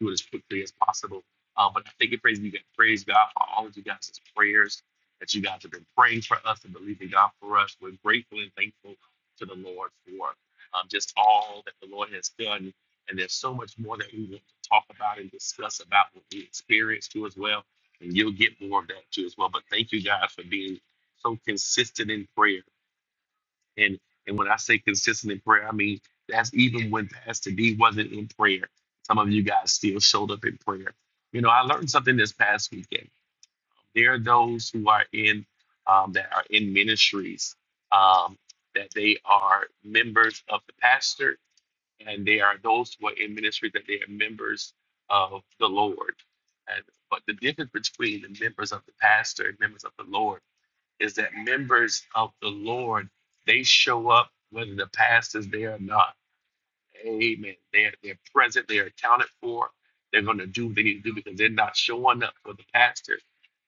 Speaker 3: do it as quickly as possible. Um, but I thank and praise you guys. Praise God for all of you guys' prayers that you guys have been praying for us and believing God for us. We're grateful and thankful to the Lord for um, just all that the Lord has done. And there's so much more that we want to talk about and discuss about what we experienced too as well. And you'll get more of that too as well. But thank you guys for being so consistent in prayer and and when I say consistent in prayer, I mean that's even when Pastor D wasn't in prayer. Some of you guys still showed up in prayer. You know, I learned something this past weekend. There are those who are in um, that are in ministries um, that they are members of the pastor, and they are those who are in ministry that they are members of the Lord. And, but the difference between the members of the pastor and members of the Lord is that members of the Lord, they show up whether the pastor's there or not. Amen. They're, they're present, they're accounted for. They're going to do what they need to do because they're not showing up for the pastor,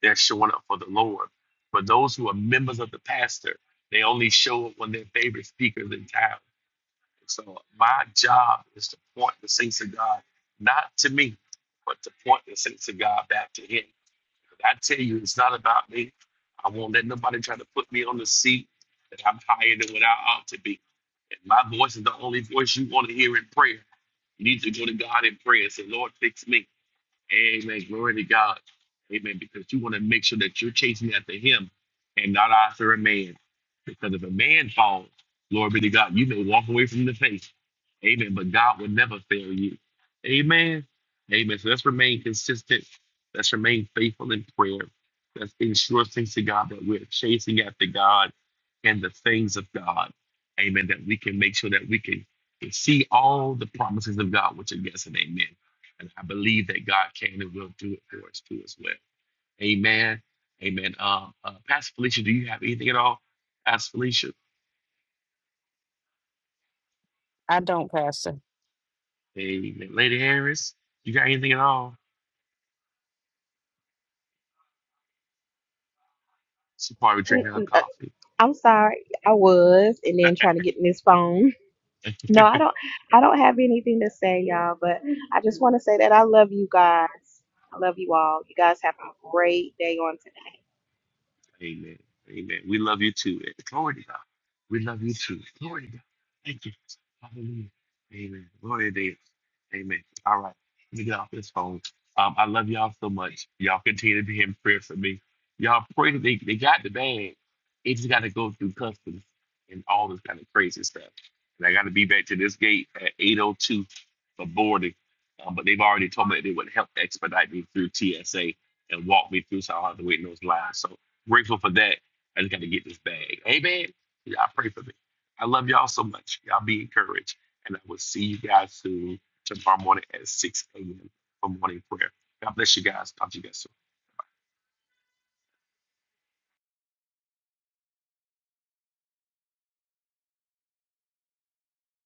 Speaker 3: they're showing up for the Lord. But those who are members of the pastor, they only show up when their favorite speaker is in town. So my job is to point the saints of God, not to me, but to point the saints of God back to Him but I tell you, it's not about me. I won't let nobody try to put me on the seat that I'm higher than what I ought to be. And my voice is the only voice you want to hear in prayer. You need to go to God in prayer and say, Lord, fix me. Amen. Glory to God. Amen. Because you want to make sure that you're chasing after him and not after a man. Because if a man falls, glory be to God, you may walk away from the faith. Amen. But God will never fail you. Amen. Amen. So let's remain consistent. Let's remain faithful in prayer. Let's ensure things to God that we're chasing after God and the things of God. Amen. That we can make sure that we can see all the promises of God, which are yes and amen. And I believe that God can and will do it for us too as well. Amen. Amen. Um, uh, Pastor Felicia, do you have anything at all? Pastor Felicia,
Speaker 9: I don't, Pastor.
Speaker 3: amen. Lady Harris, you got anything at all? She probably
Speaker 4: N-
Speaker 3: drinking her
Speaker 4: n- uh,
Speaker 3: coffee.
Speaker 4: I'm sorry, I was, and then trying to get in this phone. No, I don't. I don't have anything to say, y'all. But I just want to say that I love you guys. I love you all. You guys have a great day on today.
Speaker 3: Amen. Amen. We love you too. Glory to God. We love you too. Glory to God. Thank you. Hallelujah. Amen. Glory to God. Amen. All right. Let me get off this phone. Um, I love y'all so much. Y'all continue to be in prayer for me. Y'all pray that they, they got the bag. It just got to go through customs and all this kind of crazy stuff. And I got to be back to this gate at 802 for boarding. Um, but they've already told me that they would help expedite me through TSA and walk me through so I don't have to wait in those lines. So grateful for that. I just got to get this bag. Amen. Y'all pray for me. I love y'all so much. Y'all be encouraged. And I will see you guys soon tomorrow morning at 6 a.m. for morning prayer. God bless you guys. Talk to you guys soon.